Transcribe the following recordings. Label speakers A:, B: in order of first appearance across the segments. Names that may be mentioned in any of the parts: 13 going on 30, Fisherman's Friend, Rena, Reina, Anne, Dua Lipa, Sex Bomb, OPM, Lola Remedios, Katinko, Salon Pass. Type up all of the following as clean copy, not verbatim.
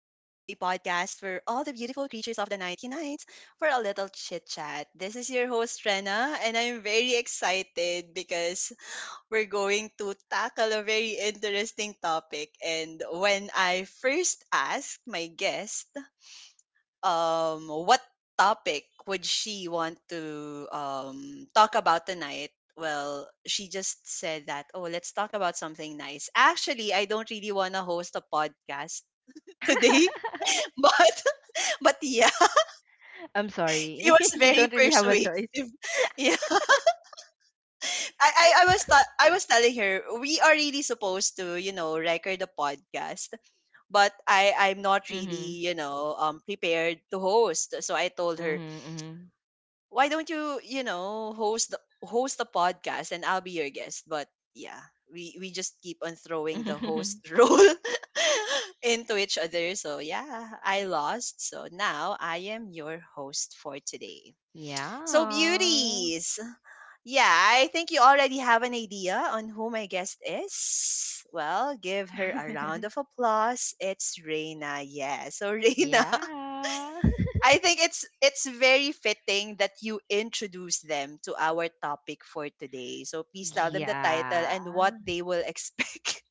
A: where all the beautiful creatures of the night unite for a little chit chat. This is your host, Rena, and I'm very excited because we're going to tackle a very interesting topic. And when I first asked my guest what topic would she want to talk about tonight? Well, she just said that, oh, let's talk about something nice. Actually, I don't really want to host a podcast today, but but yeah,
B: I'm
A: she
B: sorry.
A: was
B: You
A: very
B: don't really have a
A: persuasive.
B: choice.
A: Yeah, I was telling her we are really supposed to record a podcast, but I'm not
B: Mhm.
A: really prepared to host. So I told her,
B: Mhm.
A: why don't you, you know host the host a podcast, and I'll be your guest? But yeah, we just keep on throwing the host
B: Mhm.
A: role into each other. So yeah, I lost. So now I am your host for today. So
B: Yeah.
A: beauties, yeah, I think you already have an idea on who my guest is. Well, give her a round of applause. It's Reina! Yeah. So Reina,
B: Yeah.
A: I think it's very fitting that you introduce them to our topic for today. So please tell them the title
B: Yeah.
A: and what they will expect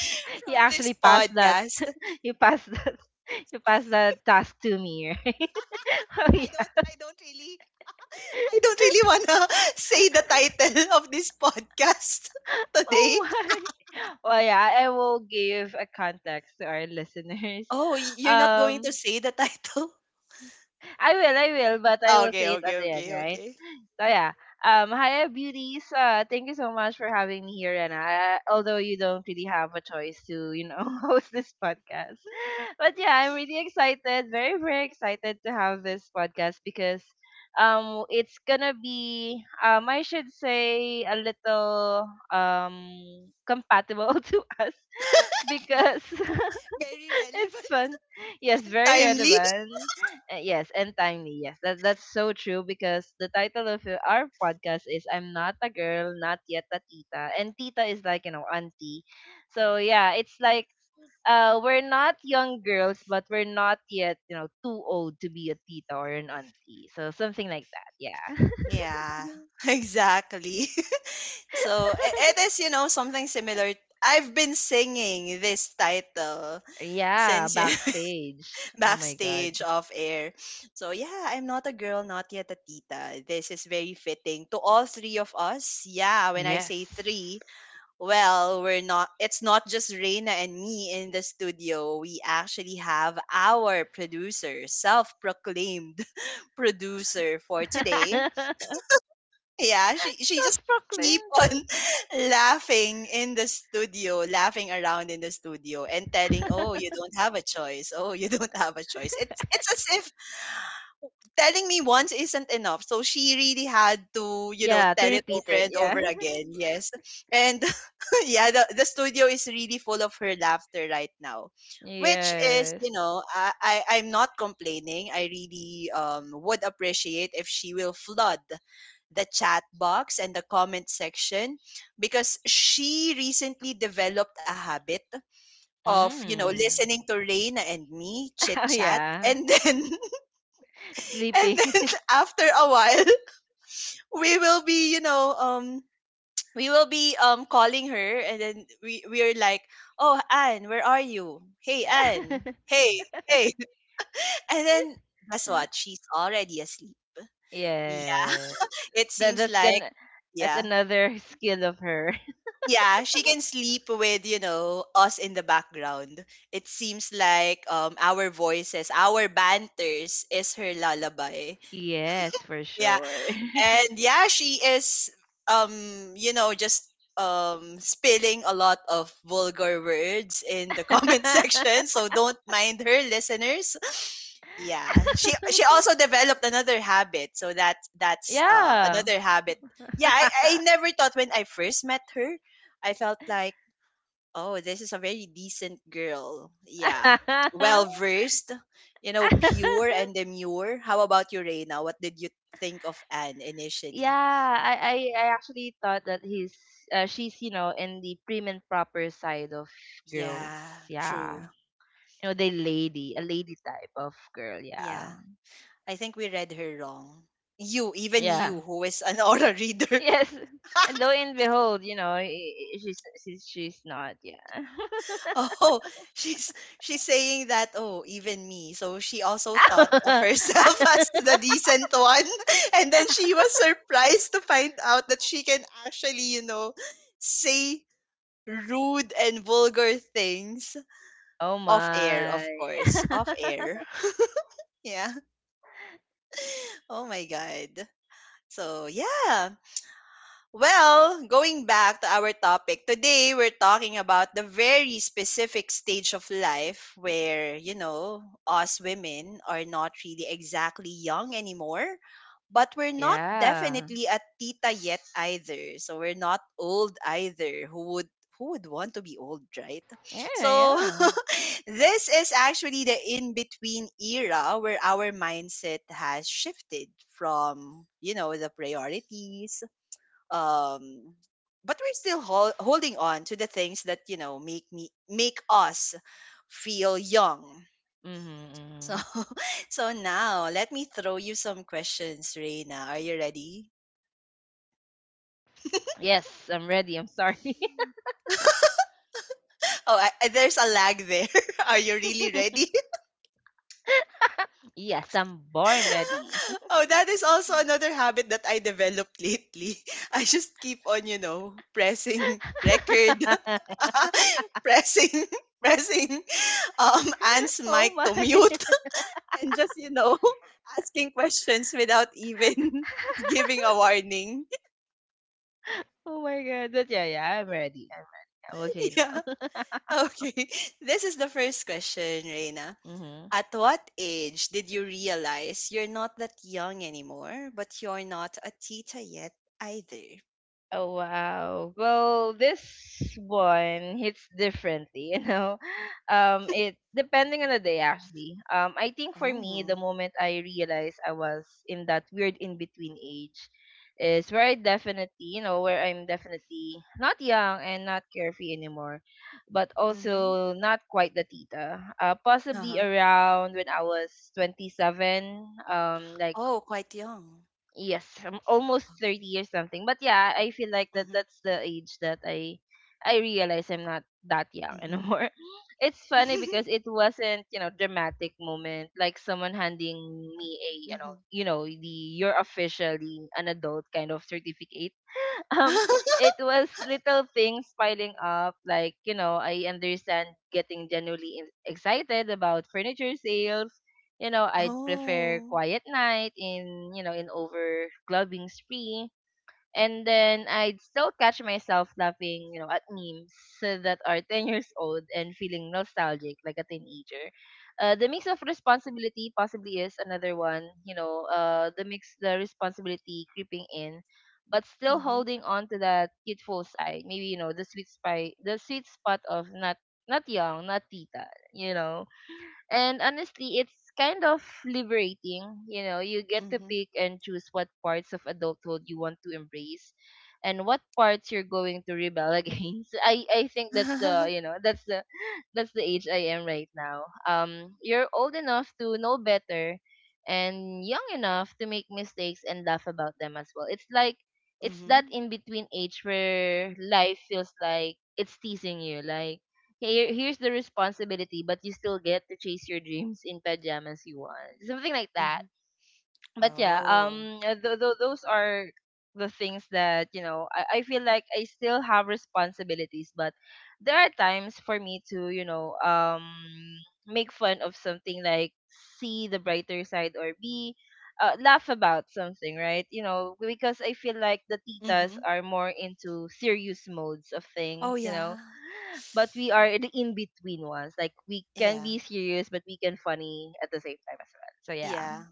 B: You
A: from this
B: actually passed that.
A: podcast.
B: You passed that. You passed that task to me, right? Oh,
A: I don't
B: yeah.
A: I don't really I don't really wanna say the title of this podcast today.
B: Oh, my. Well, yeah, I will give a context to our listeners.
A: Oh, y- you're not going to
B: Um,
A: say the title?
B: I will, but I will
A: Okay,
B: say it at
A: okay,
B: the end,
A: okay,
B: right?
A: okay.
B: So yeah. Hi, beauties. Thank you so much for having me here, Rena. I, although you don't really have a choice to, you know, host this podcast, but yeah, I'm really excited, very excited to have this podcast because, it's gonna be, I should say, a little compatible to us because
A: Very
B: it's
A: relevant,
B: fun. Yes, very
A: timely.
B: relevant. Yes, and timely. Yes, that's so true because the title of our podcast is "I'm Not a Girl, Not Yet a Tita," and Tita is like you know auntie. So yeah, it's like we're not young girls, but we're not yet you know too old to be a tita or an auntie. So something like that. Yeah.
A: Yeah, exactly. So it is, something similar. I've been singing this title
B: Yeah,
A: since you
B: backstage. Oh my god.
A: backstage off air. So yeah, I'm not a girl, not yet a tita. This is very fitting to all three of us. Yeah, when I say three,
B: Yes.
A: well, we're not. It's not just Reina and me in the studio. We actually have our producer, self-proclaimed producer for today. Yeah, she just keep
B: Self-proclaimed.
A: on laughing in the studio, laughing around in the studio and telling, "Oh, you don't have a choice. Oh, you don't have a choice." It's as if telling me once isn't enough. So she really had to,
B: Yeah, to
A: tell it
B: repeat
A: over
B: it.
A: and
B: Yeah.
A: over again. Yes. And yeah, the studio is really full of her laughter right now. Which is,
B: Yes.
A: I'm not complaining. I really would appreciate if she will flood the chat box and the comment section, because she recently developed a habit of,
B: Mm.
A: listening to Reina and me chit
B: Oh,
A: chat
B: yeah.
A: and then and
B: Sleeping.
A: then, after a while, we will be, you know, um we will be calling her, and then we're like, "Oh, Anne, where are you? Hey, Anne. Hey, hey." And then guess what? She's already asleep. Yeah.
B: Yes.
A: It
B: That
A: seems
B: that's
A: like
B: gonna that's
A: yeah.
B: another skill of her.
A: Yeah, she can sleep with, us in the background. It seems like our voices, our banters, is her lullaby.
B: Yes, for
A: Yeah.
B: sure.
A: And yeah, she is um just spilling a lot of vulgar words in the comment section, so don't mind her, listeners. Yeah, she also developed another habit, so that that's
B: Yeah.
A: another habit. Yeah, I never thought, when I first met her, I felt like, oh, this is a very decent girl. Yeah. Well versed, pure and demure. How about you, Reina? What did you think of Anne initially?
B: Yeah, I I actually thought that he's she's, you know, in the prim and proper side of girls.
A: Yeah, true.
B: Yeah. You know, the lady, a lady type of girl. Yeah.
A: Yeah. I think we read her wrong. You, even you,
B: Yeah.
A: who is an aura reader.
B: Yes. And lo and behold, you know, she's she's not. Yeah.
A: Oh, she's saying that, oh, even me. So she also thought of herself as the decent one. And then she was surprised to find out that she can actually, say rude and vulgar things,
B: Oh
A: off air,
B: my.
A: of course. Off air. Yeah. Oh my God. So yeah. Well, going back to our topic, today we're talking about the very specific stage of life where, us women are not really exactly young anymore, but we're not
B: Yeah.
A: definitely a tita yet either. So we're not old either. Who would want to be old, right?
B: Yeah.
A: So
B: Yeah.
A: this is actually the in-between era where our mindset has shifted from, the priorities, um but we're still holding on to the things that make us feel young.
B: Mm-hmm.
A: So
B: Mm-hmm.
A: so now let me throw you some questions, Reina. Are you ready?
B: Yes, I'm ready. I'm sorry.
A: Oh, there's a lag there. Are you really ready?
B: Yes, I'm born ready.
A: Oh, that is also another habit that I developed lately. I just keep on pressing record pressing pressing Anne's
B: Oh
A: mic
B: my.
A: to mute, and just asking questions without even giving a warning.
B: Oh my god. But yeah, yeah, I'm ready. I'm ready. I'm okay
A: Yeah.
B: now.
A: Okay, this is the first question, Reina.
B: Hmm.
A: At what age did you realize you're not that young anymore, but you're not a tita yet either?
B: Oh wow. Well, this one hits differently, you know. It depending on the day actually. I think for me
A: Oh.
B: the moment I realized I was in that weird in between age is where I definitely, you know, where I'm definitely not young and not carefree anymore, but
A: Mm-hmm.
B: also not quite the tita. Possibly
A: Uh-huh.
B: around when I was 27, like
A: Oh, quite young.
B: yes, I'm almost
A: Uh,
B: 30 or something. But yeah, I feel like that
A: mm-hmm
B: that's the age that I realize I'm not that young
A: Mm-hmm.
B: anymore. It's funny because it wasn't, you know, dramatic moment like someone handing me a,
A: Mm-hmm.
B: the you're officially an adult kind of certificate. um it was little things piling up like you know I understand getting genuinely excited about furniture sales, you know, I'd prefer
A: Oh.
B: quiet night in you know in over clubbing spree. And then I'd still catch myself laughing, you know, at memes that are 10 years old and feeling nostalgic like a teenager. The mix of responsibility possibly is another one, you know, the mix, The responsibility creeping in, but still
A: Mm-hmm.
B: holding on to that youthful side. Maybe, you know, the sweet spot of not, not young, not tita, you know. And honestly, it's kind of liberating. You know, you get to
A: Mm-hmm.
B: pick and choose what parts of adulthood you want to embrace and what parts you're going to rebel against. I think that's the, you know, that's the that's the age I am right now. You're old enough to know better and young enough to make mistakes and laugh about them as well. It's that
A: Mm-hmm.
B: in between age where life feels like it's teasing you, like here's the responsibility, but you still get to chase your dreams in pajamas you want. Something like that.
A: Mm-hmm.
B: But yeah,
A: Oh.
B: those are the things that, you know, I feel like I still have responsibilities, but there are times for me to, you know, make fun of something, like see the brighter side, or be, laugh about something, right? You know, because I feel like the titas
A: Mm-hmm.
B: are more into serious modes of
A: Oh,
B: things, you know,
A: yeah.
B: but we are the in between ones. Like we can be
A: Yeah.
B: serious, but we can funny at the same time as well. So yeah.
A: Yeah.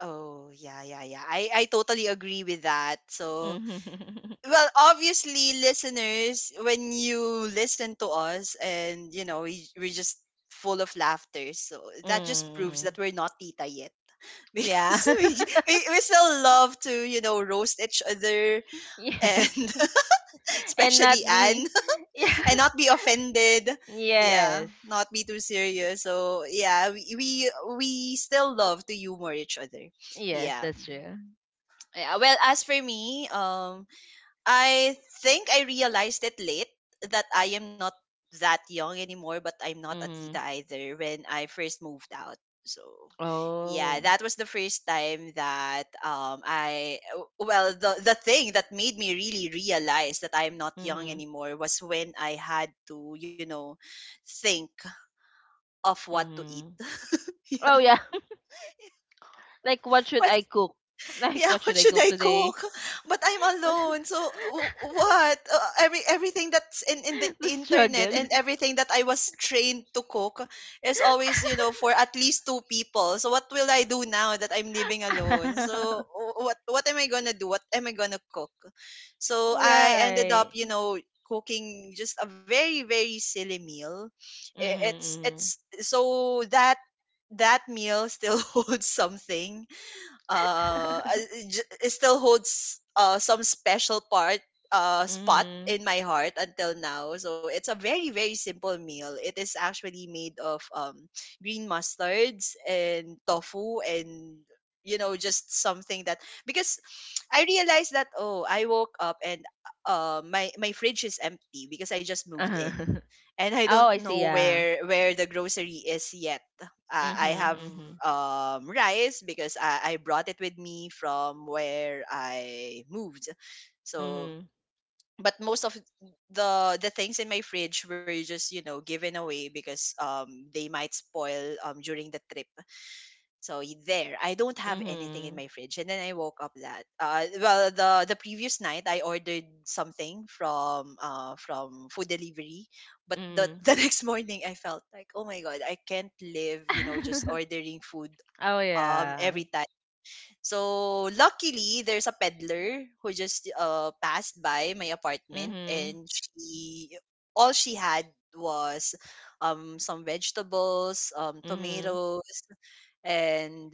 A: Oh, yeah, yeah, yeah. I totally agree with that. So,
B: Mm-hmm.
A: well, obviously, listeners, when you listen to us and, we're just full of laughter. So that just proves
B: Mm.
A: that we're not tita yet
B: Yeah.
A: because we still love to, roast each other,
B: Yes.
A: and
B: And
A: especially
B: not
A: Anne.
B: be. Yeah.
A: And not be offended. Yeah,
B: Yes.
A: not be too serious. So yeah, we still love to humor each other.
B: Yes,
A: Yeah.
B: that's true.
A: Yeah. Well, as for me, I think I realized it late, that I am not that young anymore, but I'm not a tita
B: Mm-hmm.
A: either, when I first moved out. So, yeah,
B: Oh.
A: that was the first time that, well, the thing that made me really realize that I'm not young
B: Mm-hmm.
A: anymore was when I had to think of what to eat.
B: Mm-hmm.
A: Yeah,
B: Oh yeah. Like what should I cook? Like
A: yeah,
B: what
A: what
B: should I
A: should
B: cook
A: I
B: today?
A: cook? But I'm
B: What? Should-
A: alone. So what? Everything that's in the
B: The
A: internet and
B: struggle.
A: everything that I was trained to cook is always, for at least two people. So what will I do now that I'm living alone? So what am I going to do? What am I going to cook? So I ended up,
B: Right.
A: cooking just a very very silly meal. I- It's
B: Mm-hmm.
A: it's so that that meal still holds something. uh, I- j- it still holds, some special part spot
B: Mhm.
A: in my heart until now. So it's a very very simple meal. It is actually made of green mustards and tofu, and just something that, because I realized that, oh, I woke up, and my fridge is empty because I just moved in,
B: Uh-huh.
A: and I
B: Oh,
A: don't
B: I see.
A: know
B: Yeah.
A: where the grocery is yet. I
B: Mhm.
A: have
B: Mhm.
A: rice because I brought it with me from where I moved. So,
B: Mhm.
A: but most of the things in my fridge were just given away because they might spoil, during the trip. So there, I don't have anything in
B: Mhm.
A: my fridge, and then I woke up that. Well, the previous night I ordered something from from food delivery, but the
B: Mhm.
A: the next morning I felt like, oh my god, I can't live, just ordering food
B: Oh yeah.
A: every time. So luckily, there's a peddler who just passed by my apartment,
B: Mhm.
A: and she all she had was some vegetables,
B: Mhm.
A: tomatoes and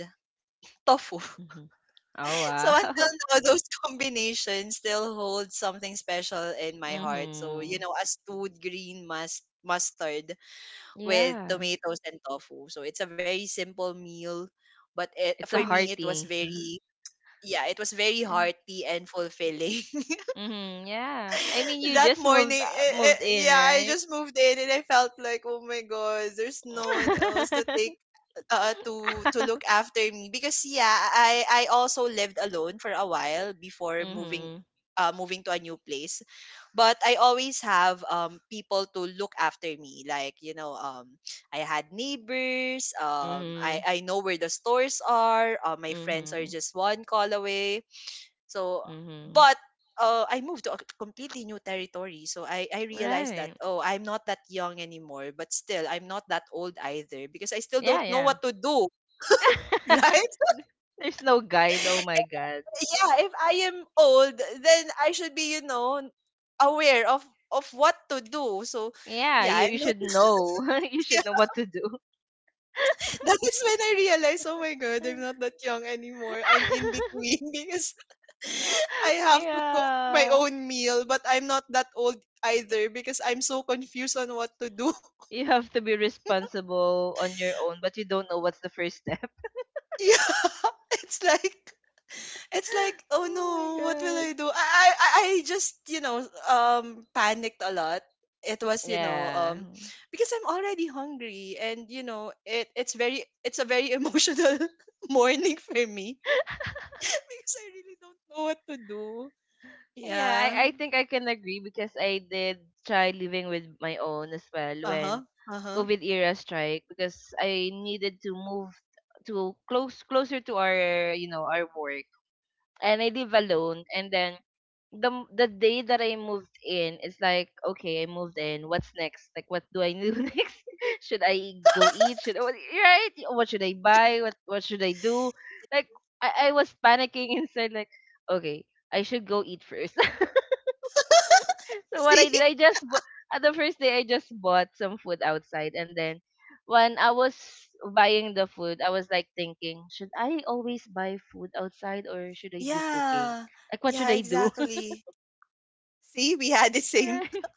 A: tofu.
B: Mhm. Oh
A: So
B: wow.
A: until now, those combinations still hold something special in my heart. So,
B: Mhm.
A: a stewed green mustard with
B: Yeah.
A: tomatoes and tofu. So it's a very simple meal, but it, for
B: It's a
A: me, it was
B: hearty.
A: very, yeah, it was very
B: Yeah.
A: hearty and fulfilling.
B: Mhm. Yeah. I mean, you
A: That
B: just moved
A: morning,
B: moved in,
A: yeah, I
B: right?
A: just moved in, and I felt like, oh my god, there's no one else to take to look after me, because yeah, I also lived alone for a while before moving
B: Mhm.
A: moving to a new place. But I always have people to look after me. Like, I had neighbors,
B: Mhm.
A: I know where the stores are. My friends are
B: Mhm.
A: just one call away. So,
B: Mhm.
A: but I moved to a completely new territory. So I realized that,
B: Right.
A: oh, I'm not that young anymore, but still, I'm not that old either, because I still don't
B: Yeah.
A: know
B: Yeah.
A: what to do, right?
B: There's no guide. Oh my god.
A: Yeah, if I am old, then I should be, aware of what to do. So,
B: Yeah,
A: yeah,
B: you
A: I'm not.
B: should know. You should know what to do.
A: That is when I realized, oh my god, I'm not that young anymore. I'm in between because I have to cook my
B: Yeah.
A: own meal, but I'm not that old either because I'm so confused on what to do.
B: You have to be responsible on your own, but you don't know what's the first step.
A: Yeah, it's like it's like oh no,
B: Oh my
A: what will
B: god.
A: I do? I just panicked a lot. It was
B: Yeah.
A: because I'm already hungry, and you know it's a very emotional morning for me because I really don't know what to do.
B: Yeah,
A: Yeah.
B: I, I think I can agree because I did try living with my own as well
A: Uh
B: when
A: huh. Uh huh.
B: COVID era strike because I needed to move to closer to our you know our work and I live alone. And then the day that I moved in, it's like, okay, I moved in. What's next? Like, what do I do next? Should I go eat? Should I, right? What should I buy? What should I do? Like, I was panicking inside. Like, okay, I should go eat first. So what I
A: See.
B: did, at the first day, I just bought some food outside, and then when I was buying the food, I was like thinking, should I always buy food outside or should I do cooking?
A: Yeah.
B: Like, what should
A: Yeah,
B: I do?
A: exactly. See, we had the same.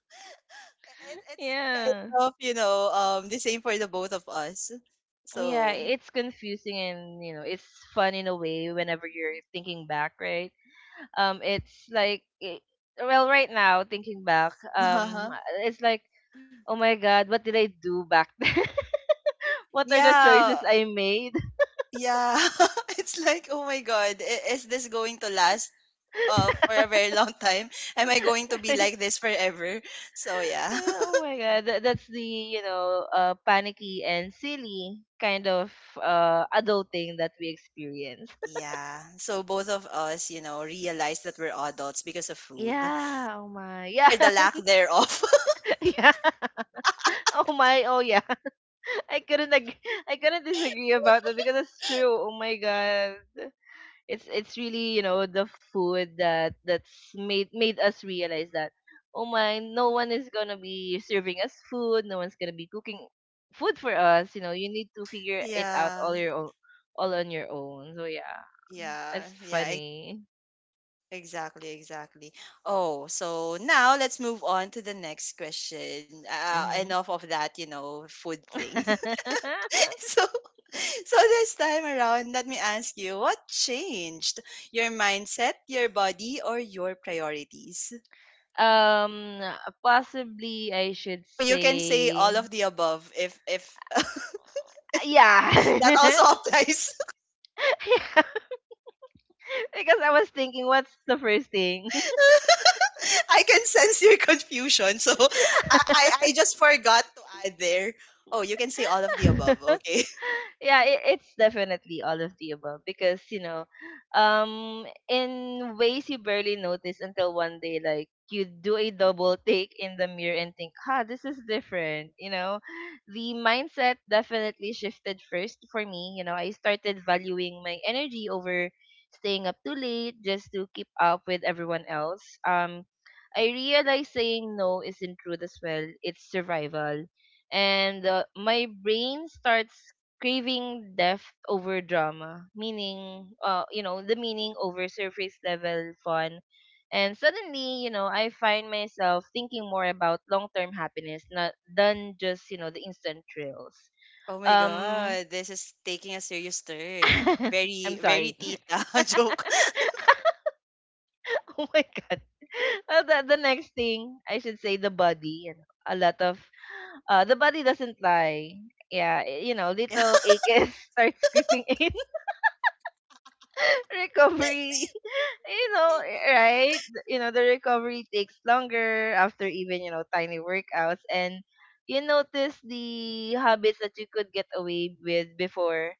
A: It's kind
B: Yeah.
A: of, you know, the same for the both of us.
B: Yeah,
A: So,
B: it's confusing and you know, it's fun in a way whenever you're thinking back, right? It's like well, right now thinking back,
A: uh
B: it's like, "Oh my god, what did I do back then? What are the
A: yeah,
B: choices I made?"
A: yeah. It's like, oh my God, I- is this going to last for a very long time? Am I going to be
B: Right?
A: like this forever? So, yeah.
B: Oh my god, that's the, you know, panicky and silly kind of adulting that we experience.
A: Yeah. So both of us, you know, realized that we're adults because of food,
B: Yeah, oh my. Yeah.
A: or the lack thereof.
B: Yeah. Oh my, oh yeah. I couldn't ag- I couldn't disagree about that because it's true. Oh my god. It's really, you know, the food that that's made made us realize that oh my, no one is going to be serving us food, no one's going to be cooking food for us, you know. You need to figure it out
A: yeah.
B: all on your own. So yeah, that's
A: Yeah. Yeah.
B: funny.
A: Exactly, exactly. Oh, so now let's move on to the next question.
B: Mhm.
A: Enough of that, you know, food thing. so, so this time around, let me ask you, what changed your mindset, your body, or your priorities?
B: um Possibly I should
A: Oh, you can say all
B: say
A: of the above if that
B: yeah.
A: also applies.
B: Because I was thinking what's the first thing.
A: I can sense your confusion, so I just forgot to add there. Oh, you can say all of the above. Okay.
B: Yeah, it's definitely all of the above because you know, in ways you barely notice until one day, like you do a double take in the mirror and think, "Ha, this is different." You know, the mindset definitely shifted first for me. You know, I started valuing my energy over staying up too late just to keep up with everyone else. I realized saying no isn't rude as well; it's survival. And my brain starts craving depth over drama, meaning, you know, the meaning over surface level fun. And suddenly, you know, I find myself thinking more about long term happiness not than just, you know, the instant thrills.
A: Oh my
B: Um,
A: God, this is taking a serious turn.
B: I'm
A: Very, very
B: sorry.
A: tita joke.
B: Oh my god. The next thing I should say the body. You know, a lot of the body doesn't lie. Yeah, you know,
A: Yeah.
B: little aches start screaming in recovery. You know, right, you know the recovery takes longer after even you know tiny workouts. And you notice the habits that you could get away with before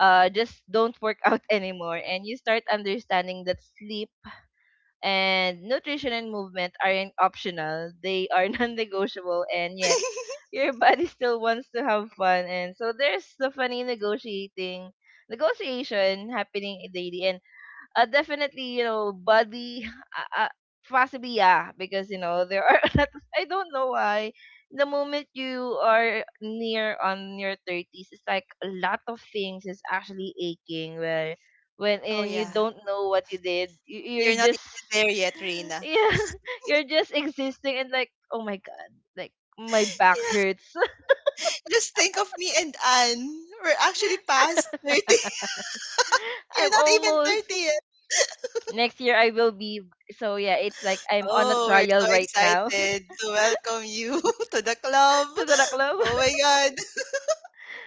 B: just don't work out anymore. And you start understanding that sleep and nutrition and movement aren't optional, they are non-negotiable. And yet your body still wants to have fun, and so there's the funny negotiating negotiation happening daily. And definitely, you know, body, uh, uh, possibly, yeah, because, you know, there are, a lot of- I don't know why, the moment you are near on your 30s, it's like a lot of things is actually aching where, when
A: Oh
B: and you
A: yeah.
B: don't know what you did, you're
A: You're not
B: just,
A: even there yet, Reina.
B: yeah, you're just existing and like, oh my God, like, my back
A: Yeah.
B: hurts.
A: Just think of me and Anne. We're actually past 30. You're
B: I'm
A: not even
B: almost
A: 30 yet.
B: next year I will be so yeah, it's like I'm on a
A: Oh, we're so
B: trial right now.
A: excited to welcome you to the club.
B: To the club.
A: Oh my God.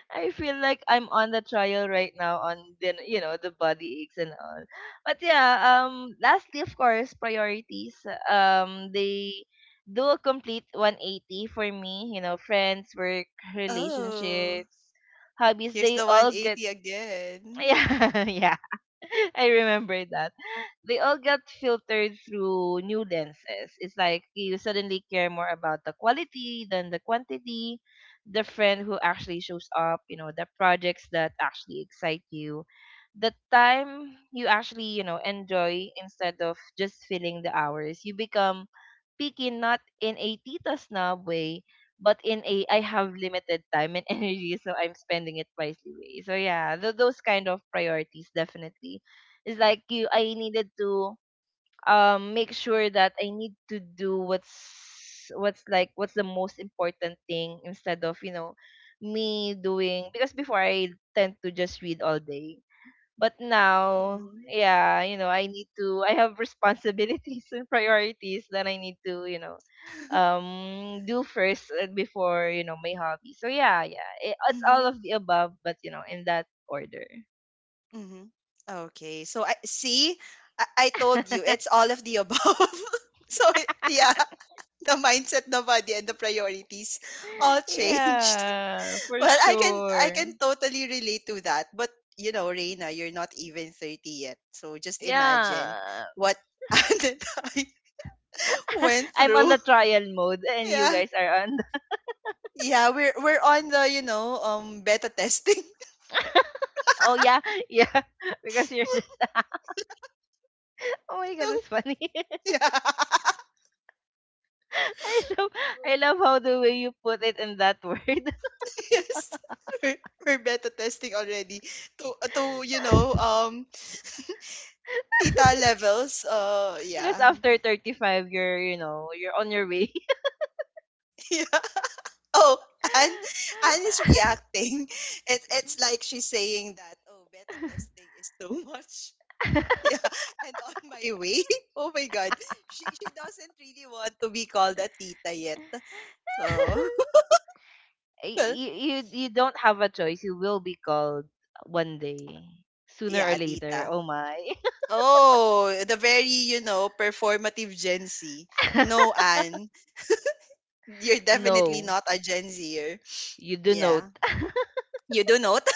B: I feel like I'm on the trial right now on the you know the body aches and all. But yeah, lastly of course priorities. They do a complete 180 for me, you know, friends, work,
A: Oh,
B: relationships, hobbies,
A: here's
B: they
A: the
B: all get
A: 180 again.
B: yeah, yeah. I remember that. They all got filtered through new lenses. It's like you suddenly care more about the quality than the quantity, the friend who actually shows up, you know, the projects that actually excite you, the time you actually, you know, enjoy instead of just filling the hours. You become speaking not in a tita snob way, but in a I have limited time and energy, so I'm spending it wisely way. So yeah, those kind of priorities definitely. It's like you, I needed to make sure that I need to do what's the most important thing instead of, you know, me doing because before I tend to just read all day but now,
A: Mm-hmm.
B: yeah, you know, I need to, I have responsibilities and priorities that I need to, you know, do first before, you know, my hobby. So yeah, yeah, it's
A: Mm-hmm.
B: all of the above, but, you know, in that order.
A: Mm-hmm. Okay. So I see, I told you it's all of the above. so it, yeah, the mindset, the body, and the priorities all changed.
B: Yeah, for
A: well, I can I
B: sure.
A: can totally relate to that. But you know, Reina, you're not even 30 yet. So just imagine
B: Yeah.
A: what Anne and I went
B: I'm on
A: through.
B: the trial mode and you
A: Yeah.
B: guys are on the,
A: Yeah, we're on the, you know, beta testing, you
B: oh yeah, yeah, because you're just, oh my God,
A: know.
B: that's funny.
A: Yeah.
B: I love I love how the way you put it in that word.
A: Yes. We're we're beta testing already to you know theta levels.
B: Because
A: Yeah.
B: after 35 you're, you know, you're on your way.
A: yeah. Oh, Anne Anne is reacting. It's like she's saying that oh beta testing is too much. Yeah, and on my way. Oh my god. She doesn't really want to be called a tita yet. So
B: Y-
A: well,
B: you, you you don't have a choice. You will be called one day, sooner
A: yeah,
B: or
A: a
B: later.
A: tita.
B: Oh my.
A: Oh, the very, you know, performative Gen Z. No, Anne. You're definitely
B: No,
A: not a Gen Zer.
B: you do not.
A: Yeah. You do note?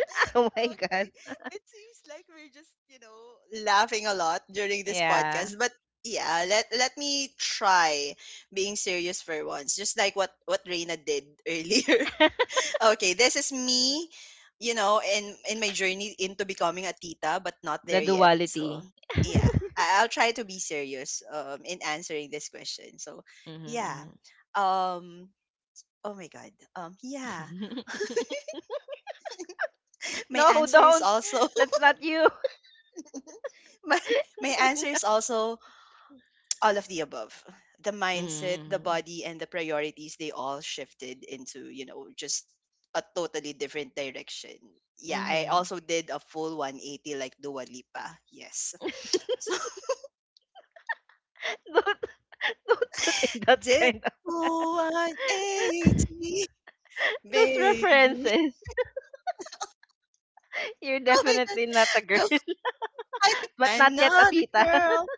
B: Oh my
A: okay.
B: god.
A: It seems like we're just, you know, laughing a lot during this
B: Yeah,
A: podcast. But yeah, let me try being serious for once. Just like what Reina did earlier. okay, this is me, you know, in my journey into becoming a tita, but not
B: the
A: there yet. So
B: duality.
A: yeah, I'll try to be serious in answering this question. So
B: Mhm,
A: yeah.
B: mhm.
A: Um oh my God. Yeah. My
B: No,
A: answer is
B: don't.
A: also
B: That's not you.
A: my my answer is also all of the above. The mindset, the
B: Mm-hmm.
A: body, and the priorities, they all shifted into, you know, just a totally different direction. Yeah, I
B: Mm-hmm.
A: also did a full 180 like Dua Lipa. Yes. So
B: Don't put in that
A: did
B: kind of
A: full 180,
B: those
A: baby.
B: references. You're
A: Oh my God.
B: definitely not a girl,
A: No, I,
B: but
A: I'm
B: not yet a
A: not a
B: tita.
A: girl,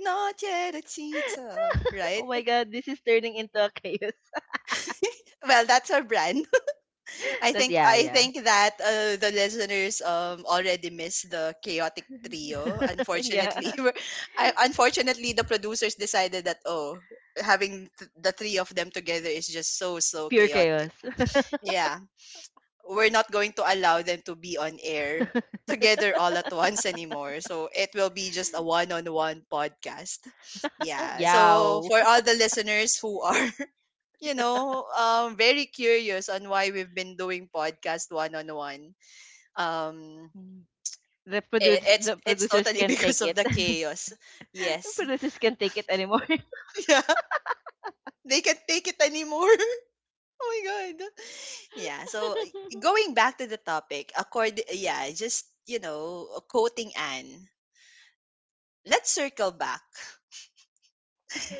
A: not yet a cheetah,
B: Oh
A: right?
B: my god, this is turning into a chaos.
A: Well, that's our brand.
B: That's yeah,
A: I
B: yeah,
A: think that the listeners already missed the chaotic trio.
B: yeah.
A: Unfortunately, we're- I, unfortunately the producers decided that oh, having th- the three of them together is just so
B: Pure
A: chaotic.
B: chaos.
A: Yeah, we're not going to allow them to be on air together all at once anymore. So it will be just a one-on-one podcast. Yeah. So
B: Yow.
A: for all the listeners who are you know, very curious on why we've been doing podcast one on one. Um,
B: The
A: I-
B: produce the
A: it's
B: producers
A: totally
B: can't
A: because
B: take
A: of
B: it.
A: the chaos.
B: The
A: Yes,
B: producers can't take it anymore.
A: yeah, they can't take it anymore. oh my god. Yeah. So y- going back to the topic, accord. Yeah, just you know, quoting Anne. Let's circle back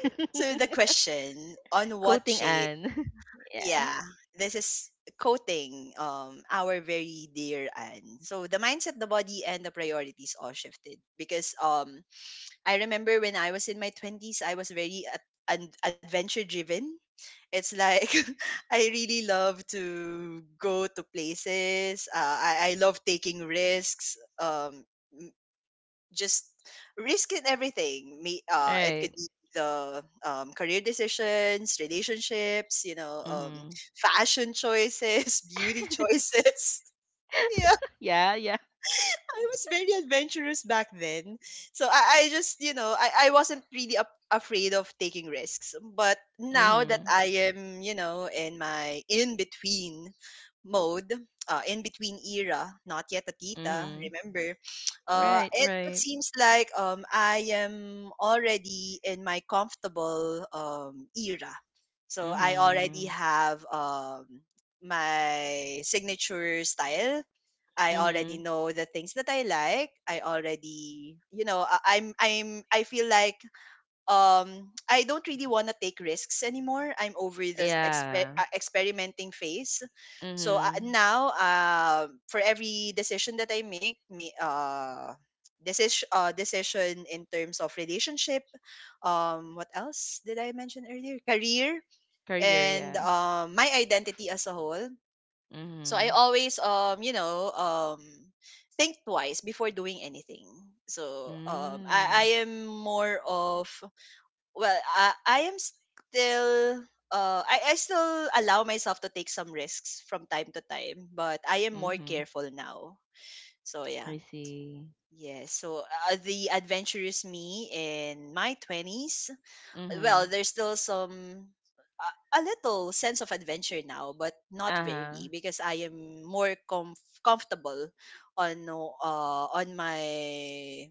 A: to the question on what.
B: Quoting Anne. Yeah.
A: Yeah, this is quoting our very dear Anne. So the mindset, the body, and the priorities all shifted because I remember when I was in my twenties, I was very ad- an adventure driven. It's like I really love to go to places. I love taking risks. Just risking everything. Me, it could
B: Right.
A: be the career decisions, relationships, you know,
B: Hmm.
A: fashion choices, beauty choices. Yeah,
B: Yeah, yeah.
A: I was very adventurous back then. So I just, you know, I wasn't really up, afraid of taking risks. But now that
B: Mm-hmm.
A: I am, you know, in my in between mode, in between era, not yet a tita,
B: Hmm.
A: remember.
B: Right,
A: It, it
B: right.
A: seems like I am already in my comfortable era. So I already
B: Hmm.
A: have my signature style. I already
B: Hmm.
A: know the things that I like. I already, you know, I'm, I feel like I don't really want to take risks anymore. I'm over the exper-
B: Yeah.
A: experimenting phase. So
B: Mhm.
A: now, for every decision that I make, may decision decision in terms of relationship, what else did I mention earlier? Career
B: Career,
A: and
B: yeah.
A: my identity as a whole. So I
B: Mhm.
A: always think twice before doing anything. So I
B: Mm.
A: am more of well I am still I still allow myself to take some risks from time to time, but I am more
B: Mhm.
A: careful now. So yeah.
B: I see.
A: Yeah, so the adventurous me in my 20s, well
B: Mhm.
A: there's still some a little sense of adventure now, but not
B: Uh-huh.
A: very because I am more comf- comfortable on my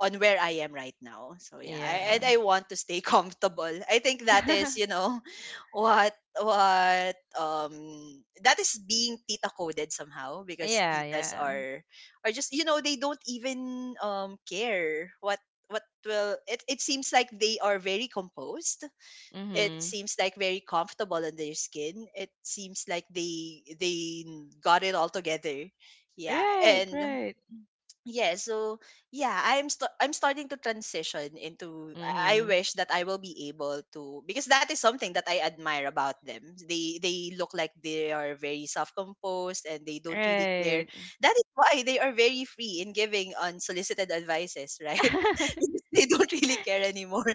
A: on where I am right now. So yeah, I, and
B: Yeah.
A: I want to stay comfortable. I think that is, you know, what what that is being tita coded somehow because
B: Yeah,
A: titas
B: yeah.
A: are just you know they don't even care what will it, it seems like they are very composed, it
B: Mhm.
A: seems like very comfortable in their skin, it seems like they got it all together. Yeah,
B: Right,
A: and
B: right.
A: yeah so yeah I'm st- I'm starting to transition into I
B: Mhm.
A: wish that I will be able to, because that is something that I admire about them. They look like they are very self-composed and they don't really care.
B: Right.
A: That is why they are very free in giving unsolicited advices, right? Because they don't really care anymore.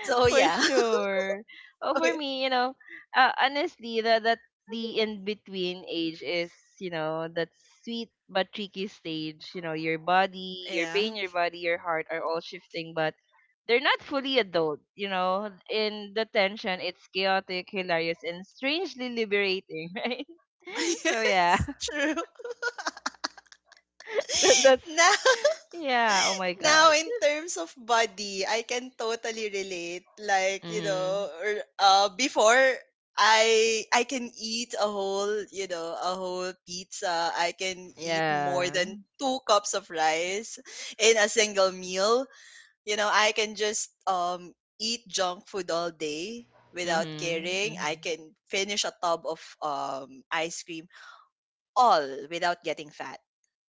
A: So
B: For
A: yeah.
B: sure. Oh,
A: Okay.
B: for me, you know, honestly, the in between age is, you know, that sweet but tricky stage. You know, your body, your
A: yeah
B: brain, your body, your heart are all shifting, but they're not fully adult. You know, in the tension, it's chaotic, hilarious, and strangely liberating, right? So yeah,
A: yes true
B: that's
A: Now,
B: yeah. Oh my god.
A: now, in terms of body, I can totally relate. Like, you
B: Mhm.
A: know, or, before I can eat a whole, you know, a whole pizza. I can eat more
B: Yeah.
A: than two cups of rice in a single meal. You know, I can just eat junk food all day without
B: Mhm.
A: caring. I
B: Mhm.
A: can finish a tub of ice cream, all without getting fat.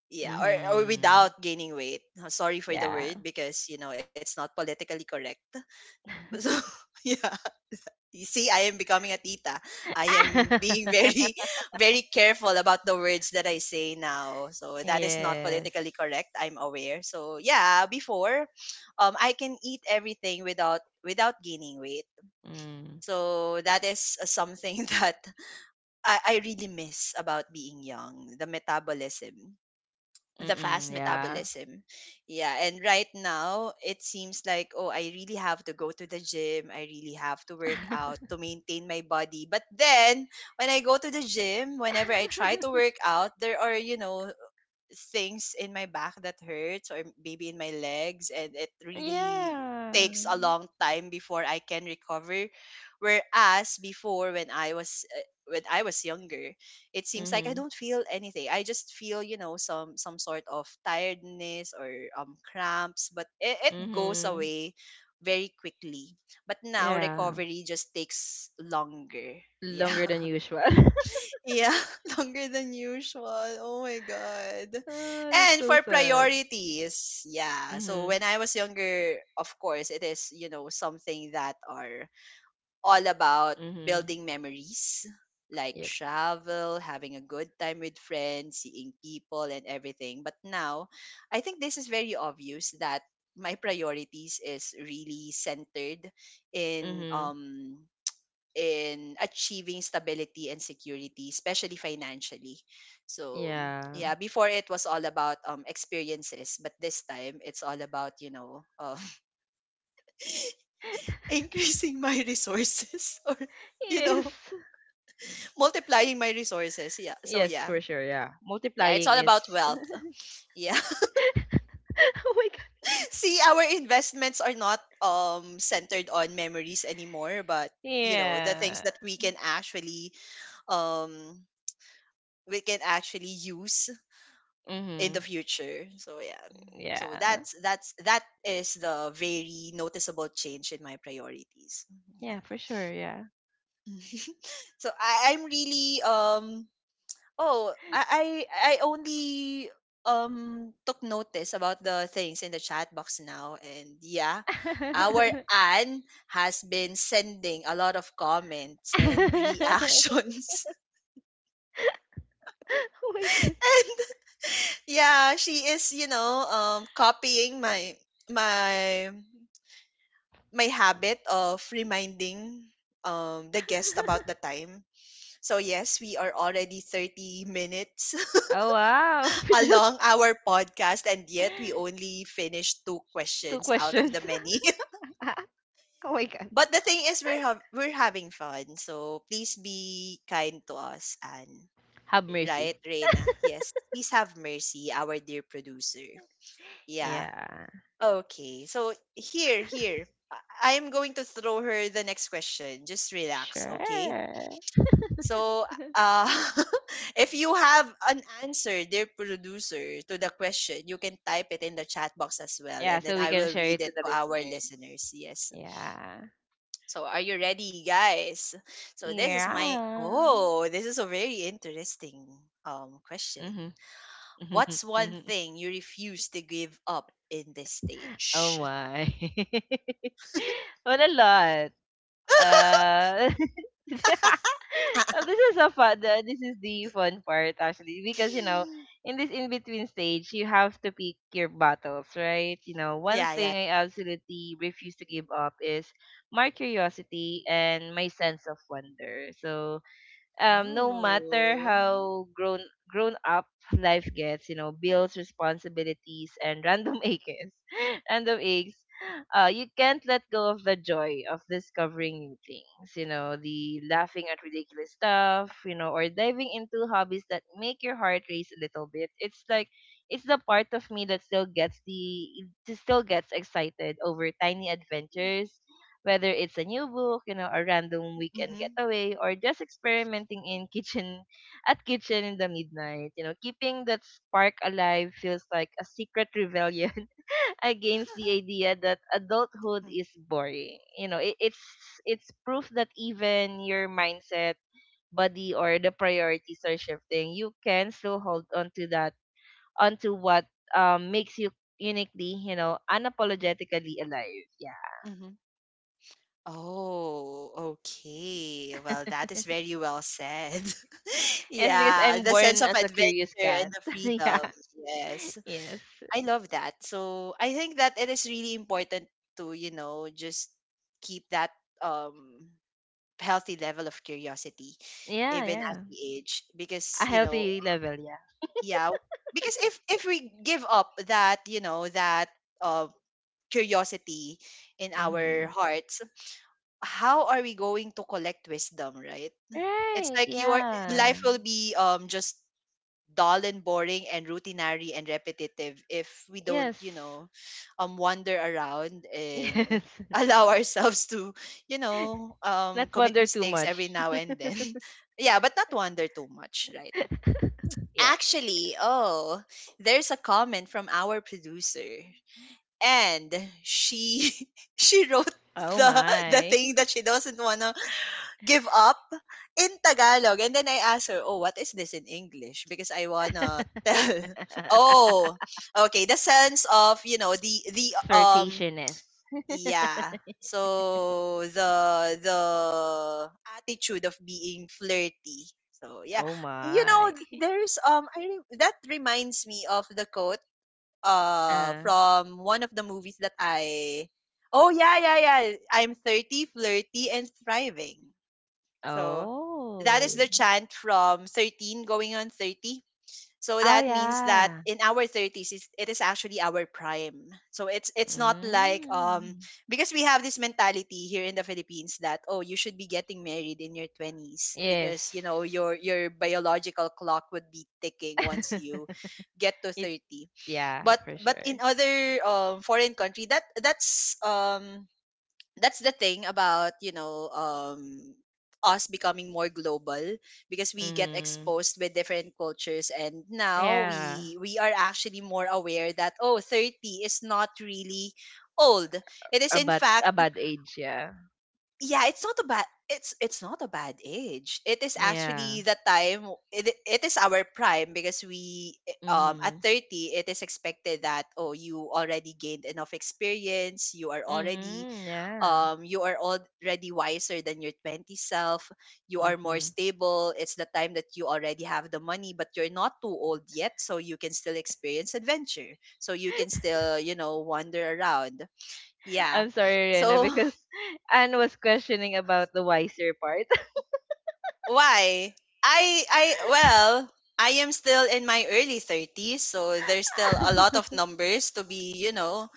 A: Yeah, or
B: Mhm.
A: without gaining weight. Sorry for the
B: Yeah.
A: word because you know it's not politically correct. So yeah, you see I am becoming a tita. I am being very very careful about the words that I say now, so that is not
B: Yes.
A: politically correct, I'm aware. So yeah, before I can eat everything without gaining weight.
B: Mm.
A: So that is something that I really miss about being young, the metabolism, the fast
B: Mm-mm, yeah.
A: metabolism. Yeah, and right now it seems like oh I really have to go to the gym, I really have to work out to maintain my body. But then when I go to the gym, whenever I try to work out, there are you know things in my back that hurts, or maybe in my legs, and it really
B: Yeah.
A: takes a long time before I can recover, whereas before when I was younger it seems like I
B: Mhm.
A: don't feel anything, I just feel you know some sort of tiredness or cramps, but it goes
B: Mhm.
A: away very quickly. But now
B: Yeah.
A: recovery just takes longer. yeah
B: Longer than usual.
A: yeah, longer than usual. Oh my God.
B: Oh, that's
A: And
B: so
A: for
B: sad.
A: priorities, yeah. So
B: Mhm.
A: when I was younger, of course, it is, you know, something that are all about
B: Mhm.
A: building memories, like
B: Yep.
A: travel, having a good time with friends, seeing people, and everything. But now, I think this is very obvious that my priorities is really centered in
B: Mhm.
A: um in achieving stability and security, especially financially. So,
B: Yeah.
A: yeah, before it was all about experiences, but this time it's all about, you know, increasing my resources or, you know,
B: Yes.
A: multiplying my resources. Yeah. So,
B: Yes,
A: yeah.
B: for sure. Yeah.
A: Yeah, it's
B: Multiplying
A: all
B: is
A: about wealth. Yeah.
B: oh my god.
A: See, our investments are not centered on memories anymore, but the things
B: Yeah.
A: that we can um actually use in the
B: Mhm.
A: future. So yeah. So
B: Yeah.
A: that is the very noticeable change in my priorities. Yeah.
B: Yeah, for sure. Yeah.
A: so I, I'm really um oh I, I only took notice about the things in the chat box now, and yeah, our Anne has been sending a lot of comments and reactions
B: Oh my god.
A: and yeah, she is, copying my my habit of reminding the guest about the time. So yes, we are already 30 minutes
B: Oh wow.
A: along our podcast, and yet we only finished two
B: Two
A: questions out of
B: questions.
A: the many.
B: Oh my god.
A: But the thing is, we're having fun. So please be kind to us, and
B: Have
A: right,
B: mercy.
A: Reina? Yes. Please have mercy, our dear producer. Yeah.
B: Yeah.
A: Okay. So here, here. I am going to throw her the next question. Just relax,
B: Sure.
A: okay? So, uh, if you have an answer, dear producer, to the question, you can type it in the chat box as well,
B: Yeah,
A: and then
B: so we
A: I
B: can
A: will
B: share
A: read
B: it to
A: it
B: the
A: to our
B: listeners.
A: listeners. Yes.
B: Yeah.
A: So, are you ready, guys? So,
B: Yeah.
A: this is a very interesting question.
B: Mhm.
A: What's one
B: Mhm.
A: thing you refuse to give up in this stage?
B: Oh my. What a lot. Uh yeah. Well, this is a fun. This is the fun part actually, because you know, in this in between stage, you have to pick your battles, right? You know, one
A: Yeah, yeah.
B: thing I absolutely refuse to give up is my curiosity and my sense of wonder. So no matter
A: Oh.
B: how grown up life gets, you know, bills, responsibilities, and random aches, random aches, you can't let go of the joy of discovering new things. You know, the laughing at ridiculous stuff, you know, or diving into hobbies that make your heart race a little bit. It's like it's the part of me that still gets the it still gets excited over tiny adventures, whether it's a new book, you know, a random weekend getaway, or just experimenting in kitchen at kitchen in the midnight. You know, keeping that spark alive feels like a secret rebellion against the idea that adulthood is boring. You know, it's it's proof that even your mindset, body, or the priorities are shifting. You can still hold on to that, onto what makes you uniquely, you know, unapologetically alive.
A: Hmm. Oh, okay. Well, that is very well said.
B: Yes, because
A: Yeah,
B: I'm
A: the sense
B: born
A: of
B: as a
A: adventure
B: curious
A: and
B: cat.
A: the
B: Yeah.
A: freedom. Yes.
B: Yes.
A: I love that. So I think that it is really important to, just keep that um healthy level of curiosity,
B: Yeah,
A: even as
B: yeah.
A: we age. Because,
B: A
A: you know,
B: healthy level, yeah.
A: yeah, because if we give up that, that uh curiosity in
B: Mm-hmm.
A: our hearts, how are we going to collect wisdom, right? It's
B: Right,
A: like you are life
B: yeah.
A: will be just dull and boring and routinary and repetitive if we don't,
B: Yes.
A: wander around and
B: Yes.
A: allow ourselves to,
B: Not
A: commit
B: wonder too
A: mistakes
B: much.
A: every now and then. Yeah, but not wander too much, right?
B: Yeah, yeah.
A: Actually, oh, there's a comment from our producer, and she she wrote
B: Oh
A: the the
B: my.
A: thing that she doesn't want give up in Tagalog. And then I asked her, oh, what is this in English? Because I wanna tell. Oh, okay. The sense of, um,
B: Flirtationist.
A: yeah. So the attitude of being flirty. So yeah,
B: Oh my.
A: there's, that reminds me of the quote,
B: Uh.
A: from one of the movies that I, oh yeah, yeah, yeah. I'm 30, flirty, and thriving. So that is the
B: Oh.
A: chant from 13 Going on 30. So
B: Oh
A: that means that
B: yeah.
A: in our 30s, it is actually our prime. So it's not like,
B: Mm.
A: because we have this mentality here in the Philippines that, oh, you should be getting married in your 20s
B: Yes.
A: because you know your biological clock would be ticking once you get to
B: It
A: 30.
B: yeah,
A: But
B: for
A: but in
B: sure.
A: other foreign country, that's the thing about, us becoming more global, because we get
B: Mhm.
A: exposed with different cultures, and now
B: Yeah.
A: we are actually more aware that, oh, 30 is not really old, it is in fact,
B: A bad age, yeah.
A: yeah, it's not a bad age, it is
B: Yeah.
A: actually the time. It is our prime because we, at
B: Mhm.
A: 30 it is expected that, oh, you already gained enough experience, you are already
B: Mhm. Yeah.
A: um you are already wiser than your 20 self. You are more
B: Mhm.
A: stable, it's the time that you already have the money but you're not too old yet, so you can still experience adventure, so you can still wander around, yeah.
B: I'm sorry, Rena,
A: So
B: because Anne was questioning about the wiser part.
A: why i i well I am still in my early 30s, so there's still a lot of numbers to be, you know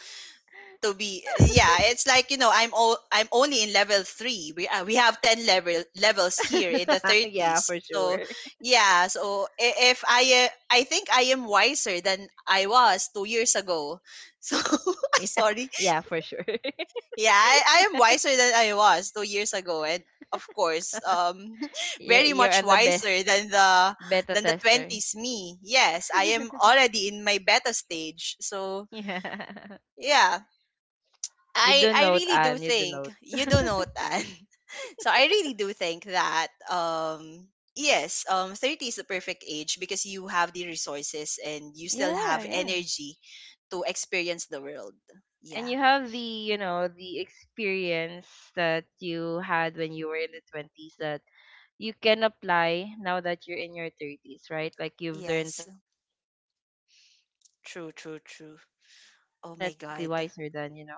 A: to be uh, yeah, it's like, I'm only in level 3, we have 10 levels here in the
B: Yeah,
A: 30s.
B: for
A: So
B: sure.
A: yeah, so I- if I I think I am wiser than I was 2 years ago. So I'm
B: Yeah,
A: sorry.
B: yeah, for sure.
A: Yeah, I am wiser than I was 2 years ago, and of course, very
B: you're
A: much
B: you're on the best
A: wiser than the
B: beta
A: than the
B: tester.
A: 20s me. Yes, I am already in my beta stage. So
B: Yeah.
A: yeah,
B: You
A: I
B: do
A: I
B: note,
A: really do
B: Anne. You do
A: think
B: note.
A: you do know, Tan. So I really do think that, yes, 30 is the perfect age because you have the resources and you still
B: Yeah,
A: have
B: yeah.
A: energy to experience the world.
B: And
A: Yeah.
B: you have the, you know, the experience that you had when you were in the 20s that you can apply now that you're in your 30s, right? Like you've learned
A: Yes.
B: some lessons in life and all, so yeah,
A: True,
B: yeah,
A: true, true.
B: it is
A: Oh my
B: definitely wiser
A: god.
B: than, you know,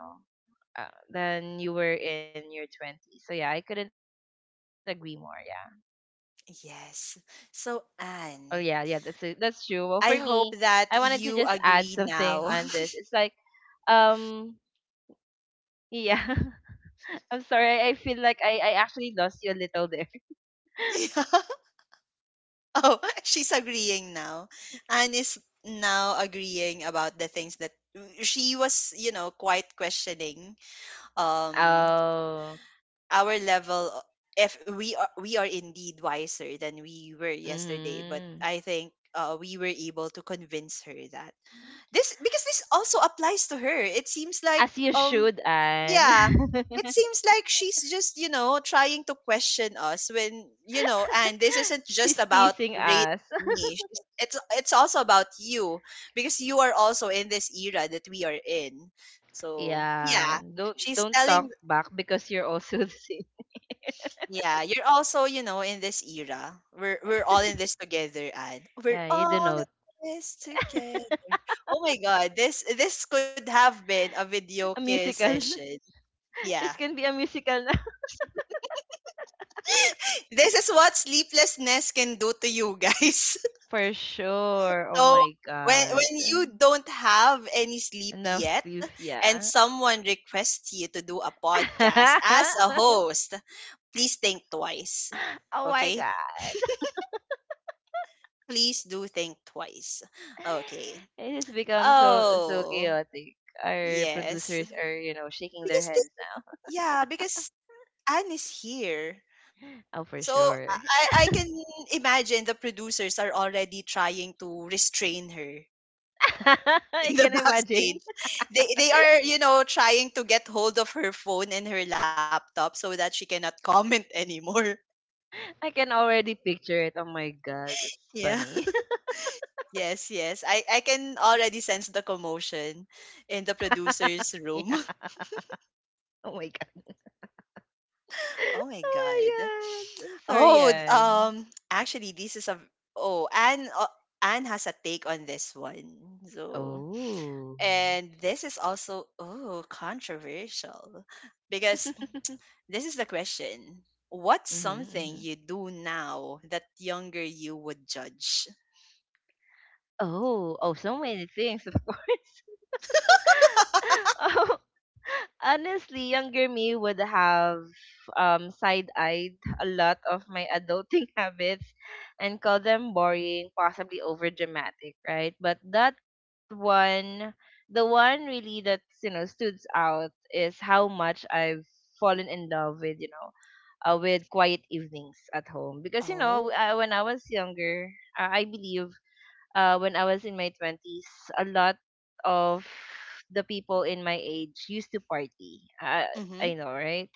B: than you were in your 20s. So yeah, I couldn't agree more. Yeah,
A: Yes.
B: oh yeah,
A: So
B: yeah, that's it, that's
A: Anne,
B: true. Well, for me, I
A: I
B: wanted to
A: hope
B: just
A: that
B: add
A: you
B: something on
A: agree
B: this. It's like
A: now.
B: um yeah, I'm sorry, I feel like I actually lost you a little.
A: Oh, she's agreeing now. Anne is now agreeing about the things that she was, quite questioning, um
B: Oh,
A: our level o- if we are, we are indeed wiser than we were yesterday, but
B: mhm.
A: I think, we were able to convince her that this because this also applies to her. It seems like
B: As you should, Anne.
A: yeah it seems like she's just trying to question us, when, and this isn't just
B: She's
A: about
B: teasing
A: race
B: us.
A: and me. It's also about you, because you are also in this era that we are in. So
B: Yeah,
A: yeah, she's
B: don't
A: telling,
B: talk back because you're also the same.
A: yeah, you're also in this era, we're all in this together, and we're
B: Yeah, you
A: all
B: do note.
A: in this together. Oh my god, this could have been a video
B: A
A: kiss
B: musical.
A: session. Yeah.
B: This can be a musical na.
A: This is what sleeplessness can do to you guys.
B: For sure. Oh
A: So
B: my
A: when
B: god.
A: when you don't have any sleep
B: Enough
A: yet
B: sleep,
A: and
B: yeah.
A: someone requests you to do a podcast as a host, please think twice.
B: Oh my
A: Okay?
B: god.
A: Please do think twice. Okay.
B: It has become so so
A: Oh,
B: chaotic. Our
A: yes.
B: producers are, you know, shaking their
A: Because this
B: heads.
A: yeah, because Anne is here.
B: Now. Oh, for
A: So I
B: sure.
A: I I can imagine the producers are already trying to restrain her
B: I
A: in the
B: can imagine.
A: backstage. They are, trying to get hold of her phone and her laptop so that she cannot comment anymore.
B: I can already picture it. Oh my god, that's
A: Yeah.
B: funny.
A: Yes, yes. I can already sense the commotion in the producer's room.
B: Yeah. Oh my god.
A: Oh my god.
B: Oh my god. I'm sorry,
A: Oh,
B: Yan.
A: actually this is a oh, Anne Anne has a take on this one. So,
B: Oh.
A: and this is also, oh, controversial, because this is the question. What's
B: Hmm.
A: something
B: Hmm.
A: you do now that younger you would judge?
B: Oh, oh, so many things, of course. Oh, honestly, younger me would have side-eyed a lot of my adulting habits and call them boring, possibly over-dramatic, right? But that one the one really that's, you know, stood out is how much I've fallen in love with, you know, with quiet evenings at home, because you know
A: Oh.
B: when I was younger, I believe when I was in my 20s, a lot of the people in my age used to party. I
A: Mm-hmm.
B: know, right?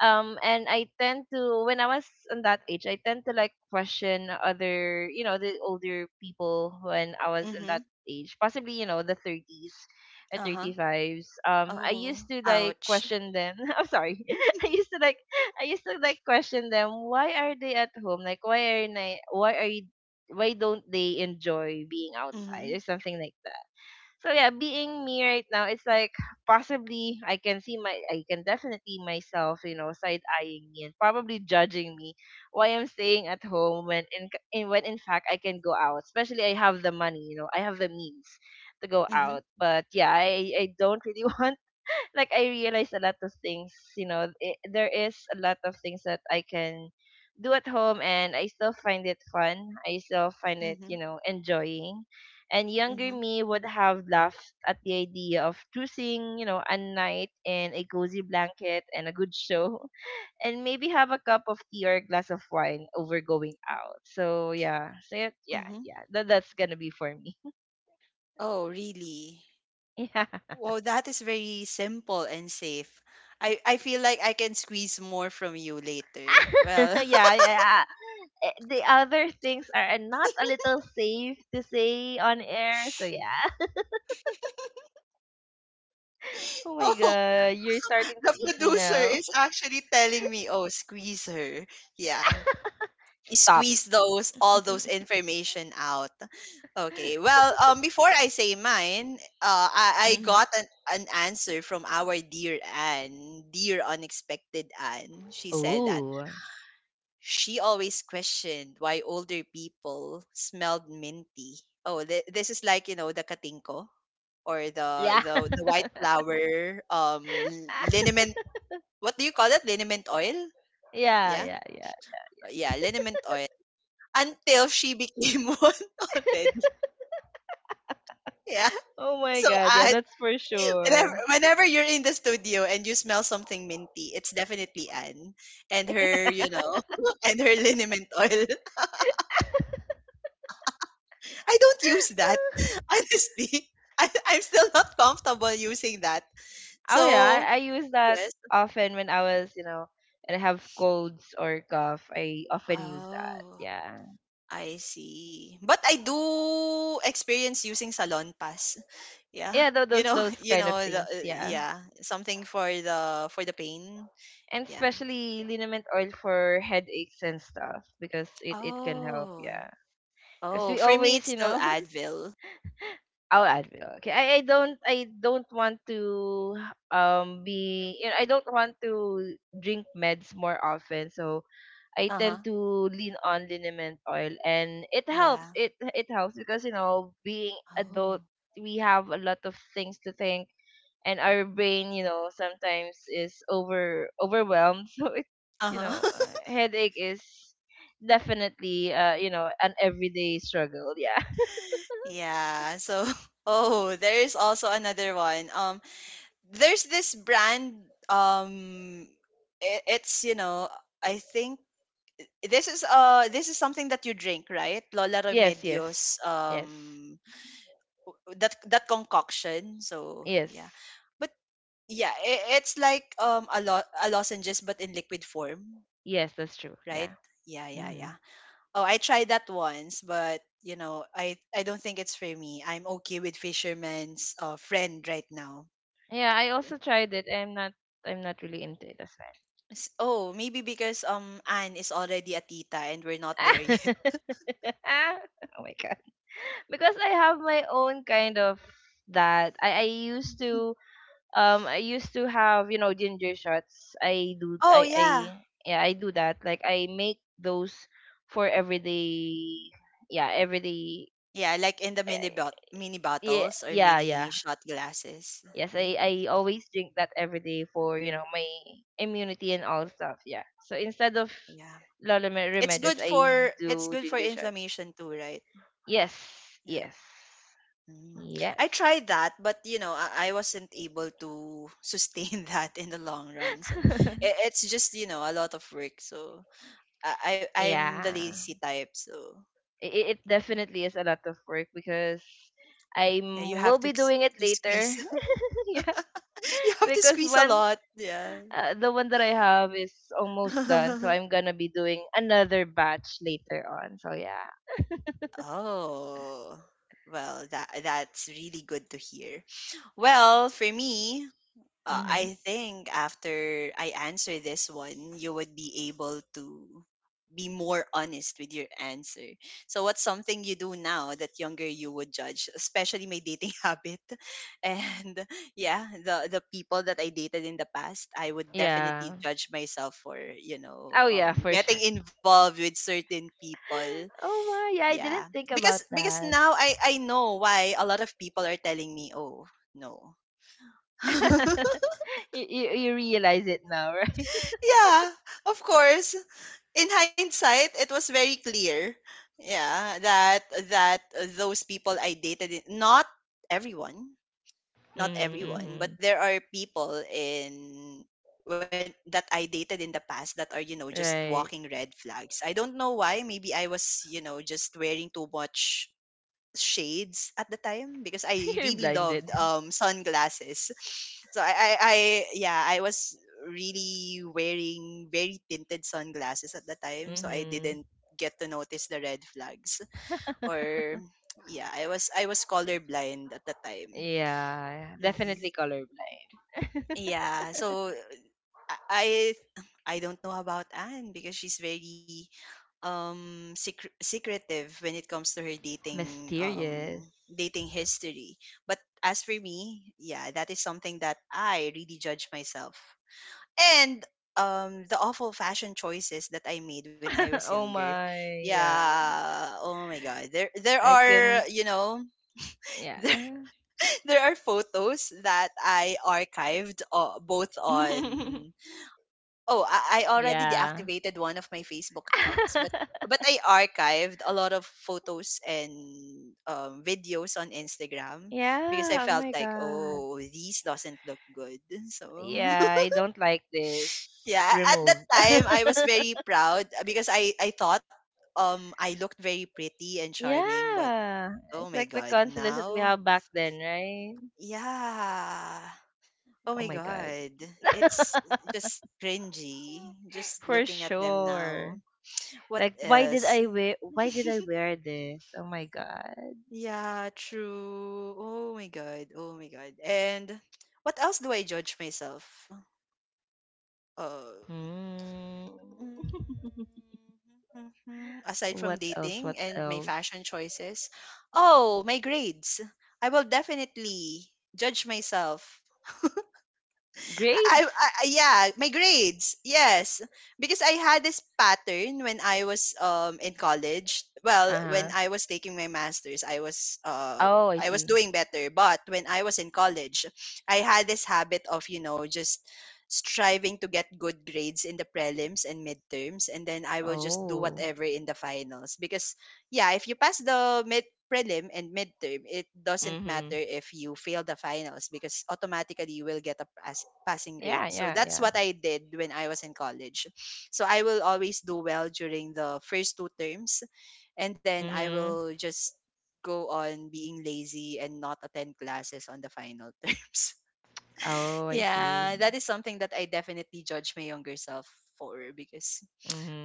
B: Um and I tend to, when I was in that age, I tend to like question other, you know, the older people when I was in
A: Mm-hmm.
B: that age, possibly, you know, the 30s or
A: Uh-huh.
B: 35s. Um I
A: Oh,
B: used to like
A: ouch.
B: question them. I'm sorry. i used to like I used to like question them, why are they at home? Like why are they why are you why don't they enjoy being
A: Mm-hmm.
B: outside or something like that. So yeah, being me right now, it's like possibly I can see my, I can definitely myself, you know, side eyeing me and probably judging me why I'm staying at home when in when in fact I can go out. Especially I have the money, you know, I have the means to go
A: Mm-hmm.
B: out. But yeah, I don't really want like I realized a lot of things. You know, it, there is a lot of things that I can do at home, and I still find it fun. I still find it,
A: Mm-hmm.
B: you know, enjoying. And
A: Mm-hmm.
B: younger me would have laughed at the idea of choosing, you know, a night in a cozy blanket and a good show, and maybe have a cup of tea or a glass of wine over going out. So yeah, so yeah, yeah,
A: Mm-hmm.
B: yeah. That, that's gonna be for me.
A: Oh, really?
B: Yeah,
A: Well, that is very simple and safe. I feel like I can squeeze more from you later. Well,
B: yeah, yeah. Eh, the other things are not a little safe to say on air. So yeah. Oh my
A: oh,
B: god, you're starting to
A: the
B: tease me
A: producer
B: now.
A: is actually telling me, oh, squeeze her. Yeah.
B: Stop.
A: Squeeze those, all those information out. Okay. Well, before I say mine, I
B: Hmm.
A: got an answer from our dear Anne, dear unexpected Anne. She said that
B: Oh.
A: she always questioned why older people smelled minty. Oh, this is like, the katinko, or the
B: Yeah.
A: the the white flower liniment. What do you call it? Liniment oil?
B: Yeah,
A: Yeah,
B: yeah, yeah.
A: yeah, liniment oil. Until she became one already. Yeah.
B: Oh my
A: So
B: god, yeah,
A: I.
B: that's for
A: whenever
B: sure.
A: whenever you're in the studio and you smell something minty, it's definitely Anne, and her, and her liniment oil. I don't use that, honestly. I'm still not comfortable using that.
B: Oh yeah,
A: So
B: I use that
A: yes.
B: often when I was, you know, and I have colds or cough. I often use that.
A: Oh,
B: Yeah.
A: I see. But I do experience using salon pass. Yeah.
B: Yeah, tho-
A: You
B: those
A: know,
B: those
A: you
B: kind of
A: know the
B: things, yeah.
A: yeah, something for the pain.
B: And
A: Yeah.
B: especially liniment oil for headaches and stuff because it can help,
A: Oh.
B: yeah, because
A: Oh,
B: we
A: for me
B: always,
A: it's
B: you
A: still
B: know,
A: Advil.
B: I'll Advil. Okay, I don't, I don't want to be, you know, I don't want to drink meds more often, so I
A: Uh-huh.
B: tend to lean on liniment oil and it helps,
A: Yeah.
B: it helps because, you know, being adult,
A: Oh.
B: we have a lot of things to think, and our brain, you know, sometimes is overwhelmed so it you know
A: Uh-huh.
B: headache is definitely, you know, an everyday struggle, yeah.
A: Yeah. So, oh, there is also another one. There's this brand. It's, I think this is something that you drink, right? Lola
B: Yes, yes,
A: Remedios.
B: yes.
A: That concoction. So
B: Yes,
A: yeah, but yeah, I it's like a lozenges, but in liquid form,
B: yes, that's true, yeah.
A: right? Yeah, yeah,
B: Hmm.
A: yeah. Oh, I tried that once, but, I don't think it's for me. I'm okay with fisherman's friend right now.
B: Yeah, I also tried it. I'm not, I'm not really into it as well.
A: Oh, maybe because Anne is already a tita and we're not there yet.
B: Oh my god, because I have my own kind of, that I used to, I used to have, you know, ginger shots. I do.
A: Oh
B: I
A: yeah,
B: yeah, I do that. Like, I make those for everyday, yeah, everyday.
A: yeah, like in the
B: Eh,
A: mini
B: yeah,
A: bottles or
B: yeah, yeah.
A: mini shot glasses.
B: Yes, I
A: Yeah,
B: I always drink that every day for, you know, my immunity and all stuff, yeah. So instead of
A: yeah.
B: Lola Me-
A: It's
B: remedios,
A: good
B: I
A: for it's
B: do
A: good for
B: ginger shot.
A: inflammation too, right?
B: Yes,
A: Yeah.
B: yes,
A: Mm. I
B: yes.
A: tried that, but, I wasn't able to sustain that in the long run. So it, it's just a lot of work. So I'm the
B: Yeah.
A: lazy type. So
B: It definitely is a lot of work because I
A: yeah, you
B: will
A: have to
B: be
A: s-
B: doing it
A: you
B: later.
A: squeeze.
B: Yeah,
A: You have to
B: because
A: squeeze a
B: one,
A: lot. Yeah.
B: the one that I have is almost done, so I'm gonna be doing another batch later on. So yeah.
A: Oh well, that's really good to hear. Well, for me,
B: Mhm.
A: I think after I answer this one, you would be able to be more honest with your answer. So, what's something you do now that younger you would judge, especially my dating habit? And Yeah, the people that I dated in the past, I would
B: Yeah.
A: definitely judge myself for
B: Oh yeah, for sure.
A: getting involved with certain people.
B: Oh my, yeah, I didn't
A: Yeah,
B: think
A: because
B: about
A: because
B: that.
A: now I know why a lot of people are telling me, oh no.
B: You realize it now, right?
A: Yeah, of course. In hindsight, it was very clear. Yeah, that that those people I dated, not everyone, not
B: Mhm.
A: everyone, but
B: Mhm.
A: there are people in when that I dated in the past that are just walking
B: Right.
A: red flags. I don't know why. Maybe I was just wearing too much shades at the time because I
B: You're
A: really loved
B: blinded.
A: sunglasses. So I yeah, I was really wearing very tinted sunglasses at the time, so I
B: Mhm.
A: didn't get to notice the red flags. Or yeah, I was colorblind at the time.
B: Yeah, definitely
A: hmm
B: colorblind.
A: Yeah, so I I I don't know about Anne because she's very secretive when it comes to her
B: Mysterious.
A: dating history. But as for me, yeah, that is something that I really judge myself. And the awful fashion choices that I made when I was
B: Oh
A: younger.
B: my, yeah.
A: Yeah, oh my god. There
B: I can,
A: are, you know, there,
B: yeah.
A: there are photos that I archived, both on. Oh, I already
B: Yeah.
A: deactivated one of my Facebook accounts, but I archived a lot of photos and videos on Instagram because I
B: Yeah, oh
A: felt
B: my
A: like,
B: god.
A: oh, these doesn't look good. So
B: Yeah, I don't like this.
A: yeah, at that
B: Removed.
A: time I was very proud, because I thought I looked very pretty and charming, but
B: Yeah.
A: oh
B: It's
A: my
B: like the
A: god,
B: confidence that we
A: now
B: have back then, right?
A: yeah. Oh
B: Oh
A: my
B: my god.
A: god. It's just cringy just
B: For
A: looking at them
B: sure.
A: now. What
B: Like, why did
A: else?
B: I wear, why did I wear this? Oh my god.
A: Yeah, true. Oh my god. Oh my god. And what else do I judge myself? Uh,
B: Hmm.
A: mm, mhm, aside from
B: What else?
A: dating
B: What
A: and my fashion
B: else?
A: choices, oh, my grades. I will definitely judge myself.
B: Grades?
A: Yeah, my grades. Yes. Because I had this pattern when I was in college. Well, when
B: Uh-huh.
A: I was taking my masters,
B: Oh, I
A: I was
B: see.
A: doing better, but when I was in college, I had this habit of, you know, just striving to get good grades in the prelims and midterms, and then I will just do
B: Oh.
A: whatever in the finals. Because yeah, if you pass the mid prelim and midterm, it doesn't
B: Mm-hmm.
A: matter if you fail the finals, because automatically you will get a passing
B: Yeah,
A: grade. So
B: yeah,
A: that's
B: yeah.
A: what I did when I was in college. So I will always do well during the first two terms, and then I
B: Mm-hmm.
A: will just go on being lazy and not attend classes on the final terms.
B: Oh, I see.
A: Yeah, that is something that I definitely judge my younger self for, because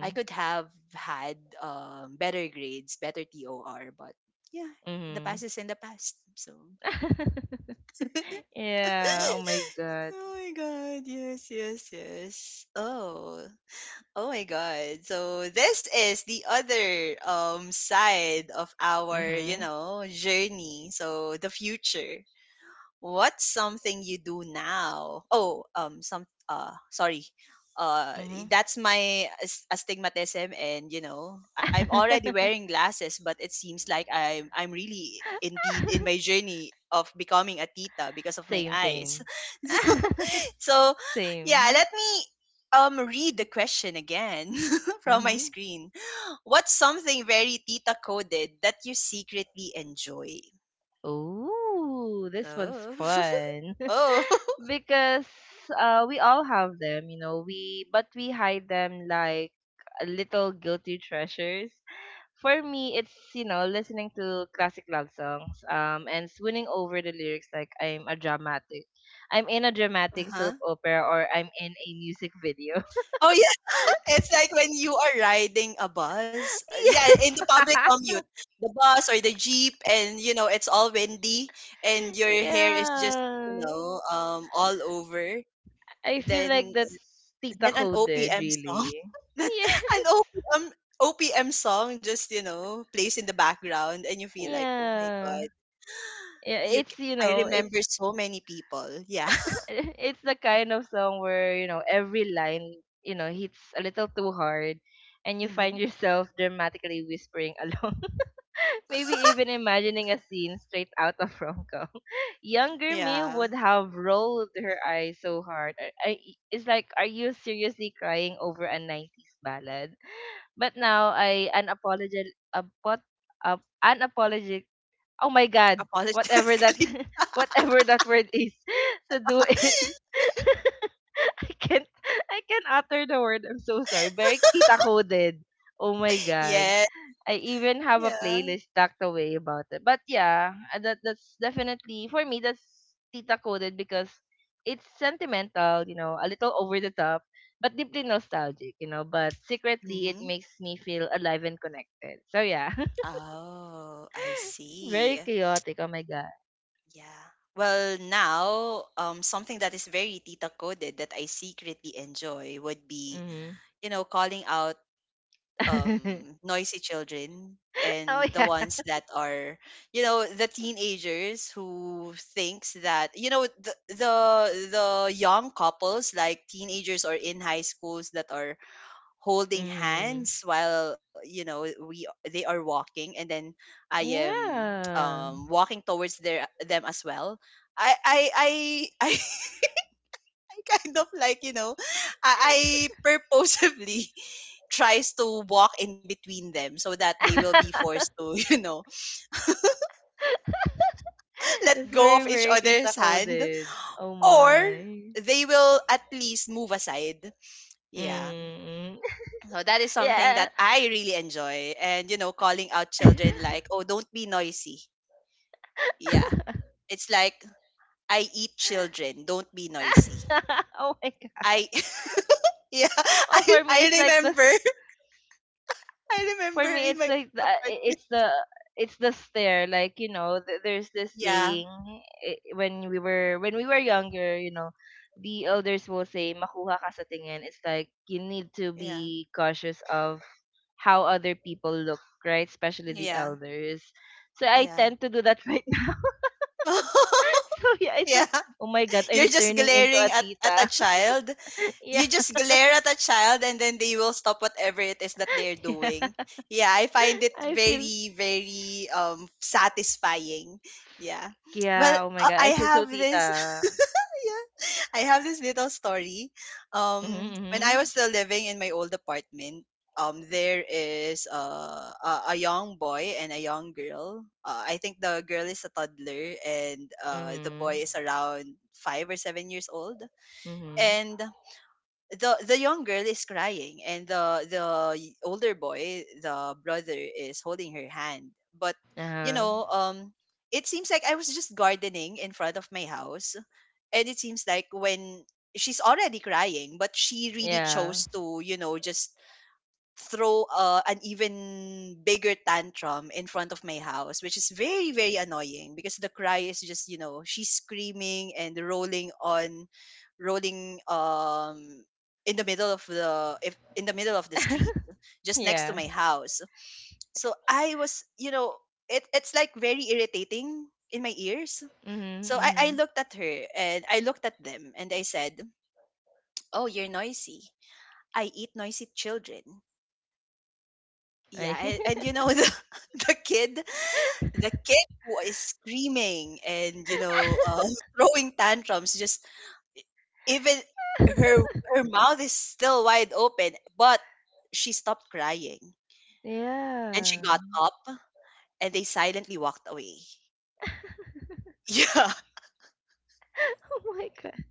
A: I could have had, better grades, better TOR, but yeah, the
B: Mm-hmm.
A: past is in the past. So,
B: Yeah, oh my God.
A: oh my god, yes, yes, yes. Oh. Oh my god. So this is the other side of our, you
B: Mm-hmm.
A: know, journey. So the future. What's something you do now? Oh, some sorry, uh,
B: Mm-hmm.
A: that's my astigmatism, and you know, I'm already wearing glasses, but it seems like I'm really indeed in my journey of becoming a tita because of my
B: Same,
A: eyes.
B: same.
A: So, yeah,
B: Same.
A: let me read the question again from my
B: Mm-hmm.
A: screen. What's something very tita coded that you secretly enjoy?
B: Oh, this one's
A: Oh.
B: fun.
A: Oh.
B: Because, we all have them, you know, we but we hide them like a little guilty treasures. For me, it's, you know, listening to classic love songs, and swooning over the lyrics like I'm a dramatic, I'm in a dramatic soap
A: Uh-huh.
B: opera or I'm in a music video.
A: Oh yeah, it's like when you are riding a bus. Yeah, in the
B: Yes.
A: public commute, the bus or the jeep, and you know it's all windy, and your hair is just
B: Yeah,
A: all over.
B: I feel like
A: Then
B: that's tita
A: an
B: coded,
A: OPM song,
B: really.
A: an
B: Yes,
A: OPM song just plays in the background, and you feel like oh my
B: yeah.
A: god,
B: Yeah,
A: you. c-
B: it's, you
A: I
B: know it's
A: remember so many people. Yeah.
B: it's the kind of song where, you know, every line, you know, hits a little too hard, and you
A: hmm
B: find yourself dramatically whispering along, maybe even imagining a scene straight out of rom-com. Younger me
A: Yeah.
B: would have rolled her eyes so hard. It's like, are you seriously crying over a 90s ballad? But now I unapologetic apot, uh, unapologetic, oh my god, whatever that,
A: Apologetically.
B: whatever that word is. To do it. I can't, I can't utter the word. I'm so sorry. Very tita coded. Oh my
A: Yeah.
B: god. I even have a
A: Yeah.
B: playlist tucked away about it. But yeah, that that's definitely for me, that's tita coded because it's sentimental, you know, a little over the top, but deeply nostalgic, you know, but secretly it
A: hmm
B: makes me feel alive and connected. So yeah.
A: Oh, I see.
B: Very chaotic. Oh my god.
A: Yeah. Well, now, something that is very tita coded that I secretly enjoy would be,
B: Mhm.
A: you know, calling out noisy children
B: Oh
A: and the
B: yeah.
A: ones that are, you know, the teenagers who thinks that, you know, the young couples like teenagers or in high schools that are holding
B: Mhm.
A: hands while you know we they are walking, and then i am
B: Yeah.
A: um walking towards their them as well. I I kind of like you know I purposefully tries to walk in between them so that they will be forced to you know let
B: That's
A: go
B: very,
A: of each
B: very tita
A: other's hand,
B: coded. Oh
A: or
B: my.
A: they will at least move aside. Yeah,
B: Mm.
A: so that is something
B: Yeah.
A: that I really enjoy. And, you know, calling out children like, oh, don't be noisy. Yeah. It's like, I eat children, don't be noisy.
B: Oh my god.
A: I, yeah,
B: Oh, for me it's
A: I
B: like the,
A: remember, I remember
B: for me
A: in my
B: it's like the
A: old apartment.
B: it's the, it's the stare, like, you know, there's this
A: Yeah,
B: saying, eh, when we were, when we were younger, you know, the elders will say, makuha ka sa tingin. It's like you need to
A: yeah,
B: be cautious of how other people look, right, especially the
A: yeah,
B: elders. So I
A: yeah.
B: tend to do that myself. So yeah, it's
A: Yeah.
B: like, oh my god,
A: You're
B: I'm
A: just
B: turning into a
A: glaring at a
B: tita.
A: child.
B: Yeah,
A: You just glare at a child and then they will stop whatever it is that they're
B: yeah.
A: doing. Yeah, I find it
B: I feel,
A: very, very satisfying. Yeah. Well,
B: yeah. Oh my god,
A: I
B: I feel so
A: have this
B: tita.
A: yeah. I have this little story. When I
B: Mhm,
A: was still living in my old apartment, there is a young boy and a young girl. I think the girl is a toddler, and
B: mhm,
A: the boy
B: mhm,
A: is around 5 or 7 years old.
B: mhm.
A: And the young girl is crying, and older boy, the brother, is holding her hand. But
B: Uh
A: you
B: huh.
A: know um it seems like I was just gardening in front of my house, and it seems like when she's already crying, but she really
B: Yeah.
A: chose to you know just throw, an even bigger tantrum in front of my house, which is very, very annoying because the cry is just, you know, she's screaming and rolling on, rolling in the middle of the if in the middle of the street just next to
B: Yeah.
A: my house. So I was you know it's like very irritating in my ears.
B: Mhm,
A: So I
B: mhm.
A: looked at her and I looked at them and I said, oh you're noisy, I eat noisy children. Yeah,
B: I.
A: and you know the the kid, the kid who is screaming and you know, throwing tantrums. Just even her her mouth is still wide open, but she stopped crying, and she
B: Yeah.
A: got up, and they silently walked away. Yeah,
B: Oh my god.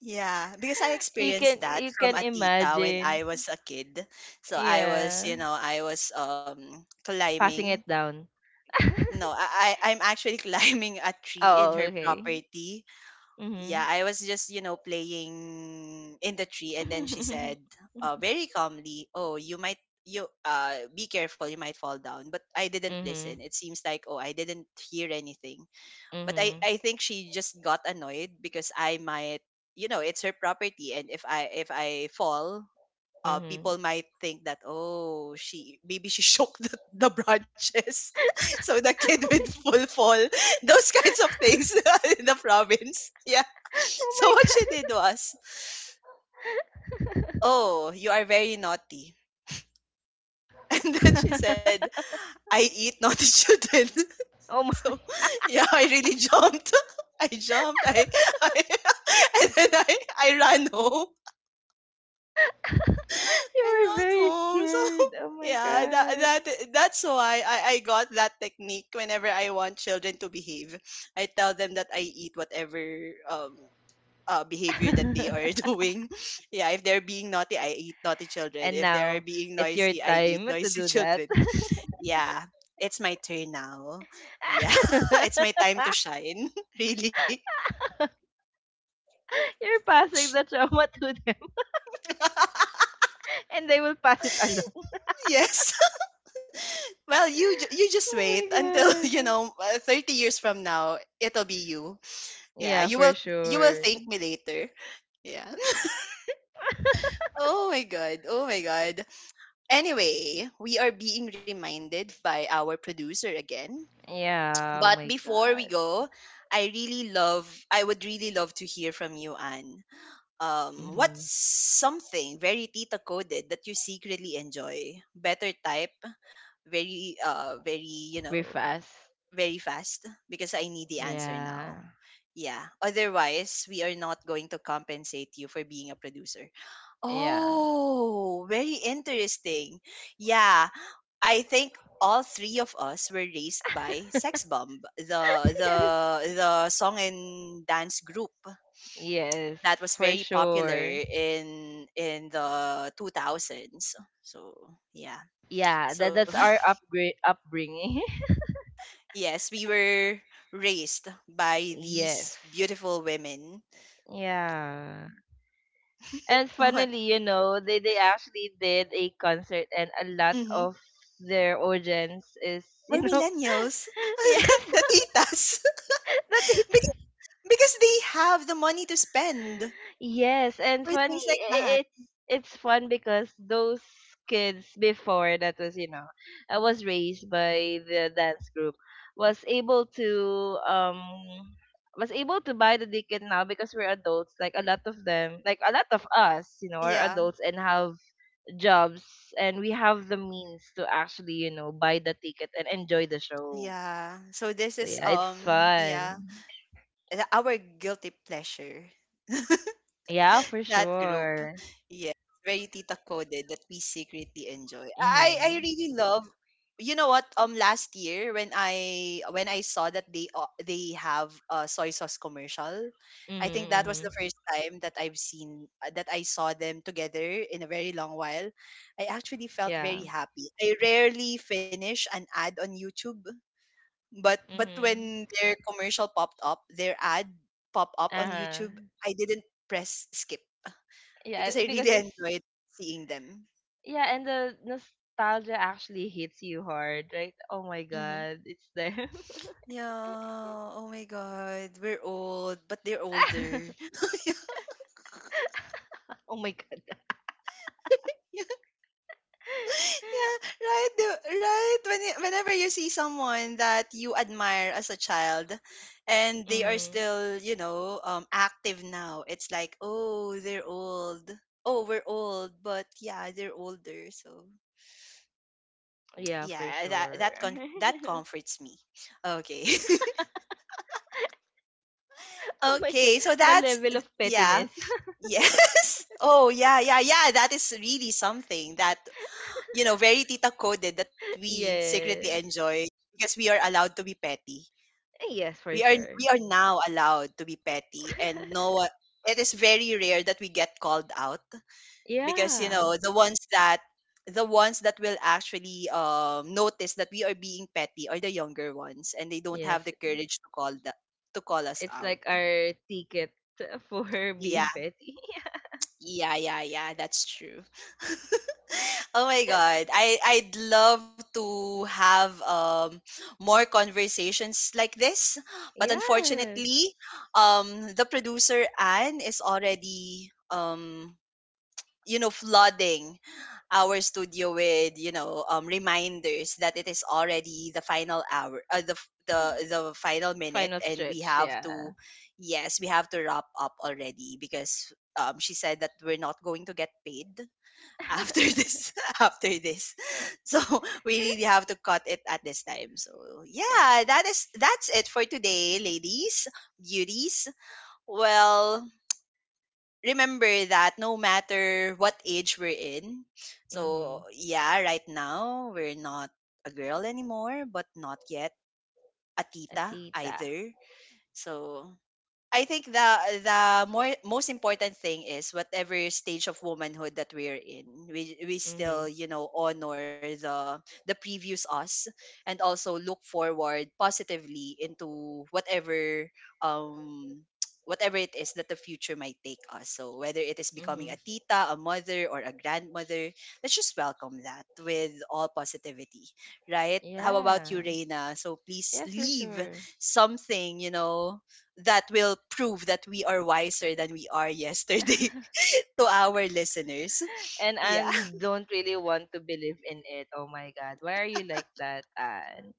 A: yeah, because I
B: You
A: experienced
B: can,
A: that
B: you
A: from
B: can
A: a tita when
B: imagine.
A: I was a kid. So I was,
B: Yeah.
A: you know, I was
B: Passing
A: climbing.
B: it down.
A: No, I- I'm actually climbing a tree in
B: Oh
A: her
B: okay.
A: property. Yeah,
B: Mhm.
A: I was just, you know, playing in the tree, and then she said, very calmly, "Oh, you might you be careful, you might fall down." But I didn't listen.
B: Mhm.
A: It seems like, "Oh, I didn't hear anything." But
B: Mhm.
A: I think she just got annoyed because I might you know it's her property, and if I fall,
B: Mhm.
A: people might think that oh she maybe she shook the branches so the kid would full fall those kinds of things in the province yeah
B: Oh my,
A: so
B: oh
A: what
B: my
A: she did
B: god.
A: was, oh you are very naughty. And then she said, I eat naughty children.
B: Oh my,
A: So yeah I really jumped, I jumped I and then I ran home. I'm
B: you were
A: not
B: very
A: home. So
B: scared. Oh my
A: yeah,
B: god.
A: that's why I got that technique whenever I want children to behave. I tell them that I eat whatever um behavior that they are doing. Yeah, if they're being naughty, I eat naughty children.
B: And
A: If they're
B: now
A: being
B: it's your
A: noisy, I eat
B: time to
A: noisy
B: do that.
A: children. Yeah, it's my turn now. Yeah, it's
B: You're
A: my time to shine. Really.
B: passing the trauma to them, and they will pass it along.
A: Yes. Well, you just
B: Oh
A: wait
B: my
A: until you
B: god.
A: know 30 years from now it'll be you. Yeah,
B: Yeah, for
A: you will
B: sure.
A: thank me later. Yeah. Oh my god. Oh my god. Anyway, we are being reminded by our producer again.
B: Yeah, oh
A: But
B: my
A: before we
B: god.
A: go, I would really love to hear from you, Anne. What's
B: Mhm.
A: something very tita coded that you secretly enjoy? Better type, very, you
B: We're
A: know,
B: fast.
A: very fast because I need the answer
B: Yeah.
A: now. Yeah. Otherwise, we are not going to compensate you for being a producer.
B: Yeah.
A: Oh, very interesting. Yeah, I think all three of us were raised by Sex Bomb,
B: Yes.
A: the song and dance group
B: Yes,
A: that was
B: for
A: very popular
B: sure.
A: in the 2000s. So, yeah.
B: Yeah, that
A: So
B: that's our upgrade upbringing.
A: yes, we were raised by
B: Yes.
A: these beautiful women.
B: Yeah. And
A: What?
B: finally, you know, they actually did a concert and a lot
A: hmm
B: of their audience is, you
A: We're
B: know,
A: millennials,
B: yes,
A: the titas,
B: the
A: Bec- because they have the money to spend
B: Yes, and
A: for
B: funny.
A: things like
B: i-
A: that.
B: It's it's fun because those kids before, that was, you know, I was raised by the dance group, was able to, was able to buy the ticket now because we're adults. Like a lot of them, like a lot of us, you know, are
A: Yeah,
B: adults and have jobs, and we have the means to actually, you know, buy the ticket and enjoy the show.
A: yeah. So this
B: So
A: is
B: yeah, it's
A: yeah,
B: fun.
A: our guilty pleasure.
B: Yeah, for
A: That group.
B: sure.
A: Yes, very tita coded that we secretly enjoy. I
B: Mm-hmm.
A: really love you know what last year when I saw that they, they have a soy sauce commercial,
B: Mm-hmm.
A: I think that was the
B: Mm-hmm.
A: first time that I've seen that I saw them together in a very long while. I actually felt
B: Yeah.
A: very happy. I rarely finish an ad on YouTube, but
B: Mhm.
A: when their commercial popped up, their ad pop up on
B: Uh-huh.
A: YouTube, I didn't press skip
B: Yeah,
A: because I
B: eh, because
A: really
B: it's,
A: enjoyed seeing them.
B: yeah, and the nostalgia actually hits you hard, right? Oh my
A: hmm
B: god, it's them.
A: Yeah. Oh my God. We're old, but they're older.
B: Oh my god.
A: Yeah. Right. Right. Whenever you see someone that you admire as a child, and they are
B: Mhm.
A: still, you know, active now, it's like, oh, they're old. Oh, we're old, but yeah, they're older. So
B: Yeah, for
A: yeah,
B: sure.
A: that comforts me. Okay.
B: Oh my god,
A: Okay. So
B: the
A: that's
B: level of
A: yeah.
B: pettiness.
A: Yes. Oh, yeah, yeah, yeah. That is really something that, you know, very tita coded that we secretly
B: Yes.
A: enjoy, because we are allowed to be petty.
B: Yes, for sure.
A: We are now allowed to be petty, and no one, it is very rare that we get called out, because you
B: Yeah.
A: know the ones that will actually, notice that we are being petty are the younger ones, and they don't have
B: Yes,
A: the courage to to call us
B: it's
A: out.
B: like our ticket for
A: Yeah.
B: being petty.
A: Yeah, yeah, yeah, that's true. Oh my God. I I'd love to have more conversations like this, but
B: Yes.
A: unfortunately, the producer Anne is already you know flooding our studio with you know, reminders that it is already the final hour, the final minute,
B: Final
A: and we
B: stretch,
A: have
B: yeah.
A: to yes we have to wrap up already because, she said that we're not going to get paid after this after this so we really have to cut it at this time. So
B: Yes.
A: yeah, that is that's it for today ladies, beauties, well, remember that no matter what age we're in. So,
B: Mhm.
A: yeah, right now we're not a girl anymore, but not yet a
B: A
A: tita
B: tita.
A: either. So, I think the more most important thing is whatever stage of womanhood that we're in, we still
B: Mhm.
A: you know honor the previous us, and also look forward positively into whatever um whatever it is that the future might take us. So whether it is becoming a
B: Mhm.
A: tita, a mother, or a grandmother, let's just welcome that with all positivity, right? How
B: Yeah.
A: about you, Reina? So please
B: Yes, for
A: leave
B: sure.
A: something, you know, that will prove that we are wiser than we are yesterday to our listeners.
B: And
A: Yeah.
B: Anne don't really want to believe in it. Oh my God, why are you like that, Anne?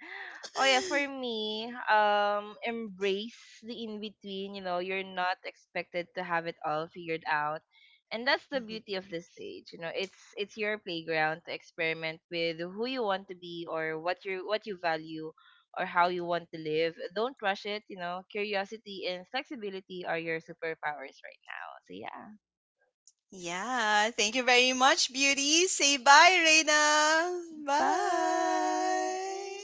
B: Oh yeah, for me, embrace the in between. You know, you're not expected to have it all figured out, and that's the
A: Mhm.
B: beauty of this stage. You know, it's your playground to experiment with who you want to be or what you, what you value or how you want to live. Don't rush it. You know, curiosity and flexibility are your superpowers right now. So yeah.
A: Yeah. Thank you very much, beauty. Say bye, Reina.
B: Bye.
A: Bye.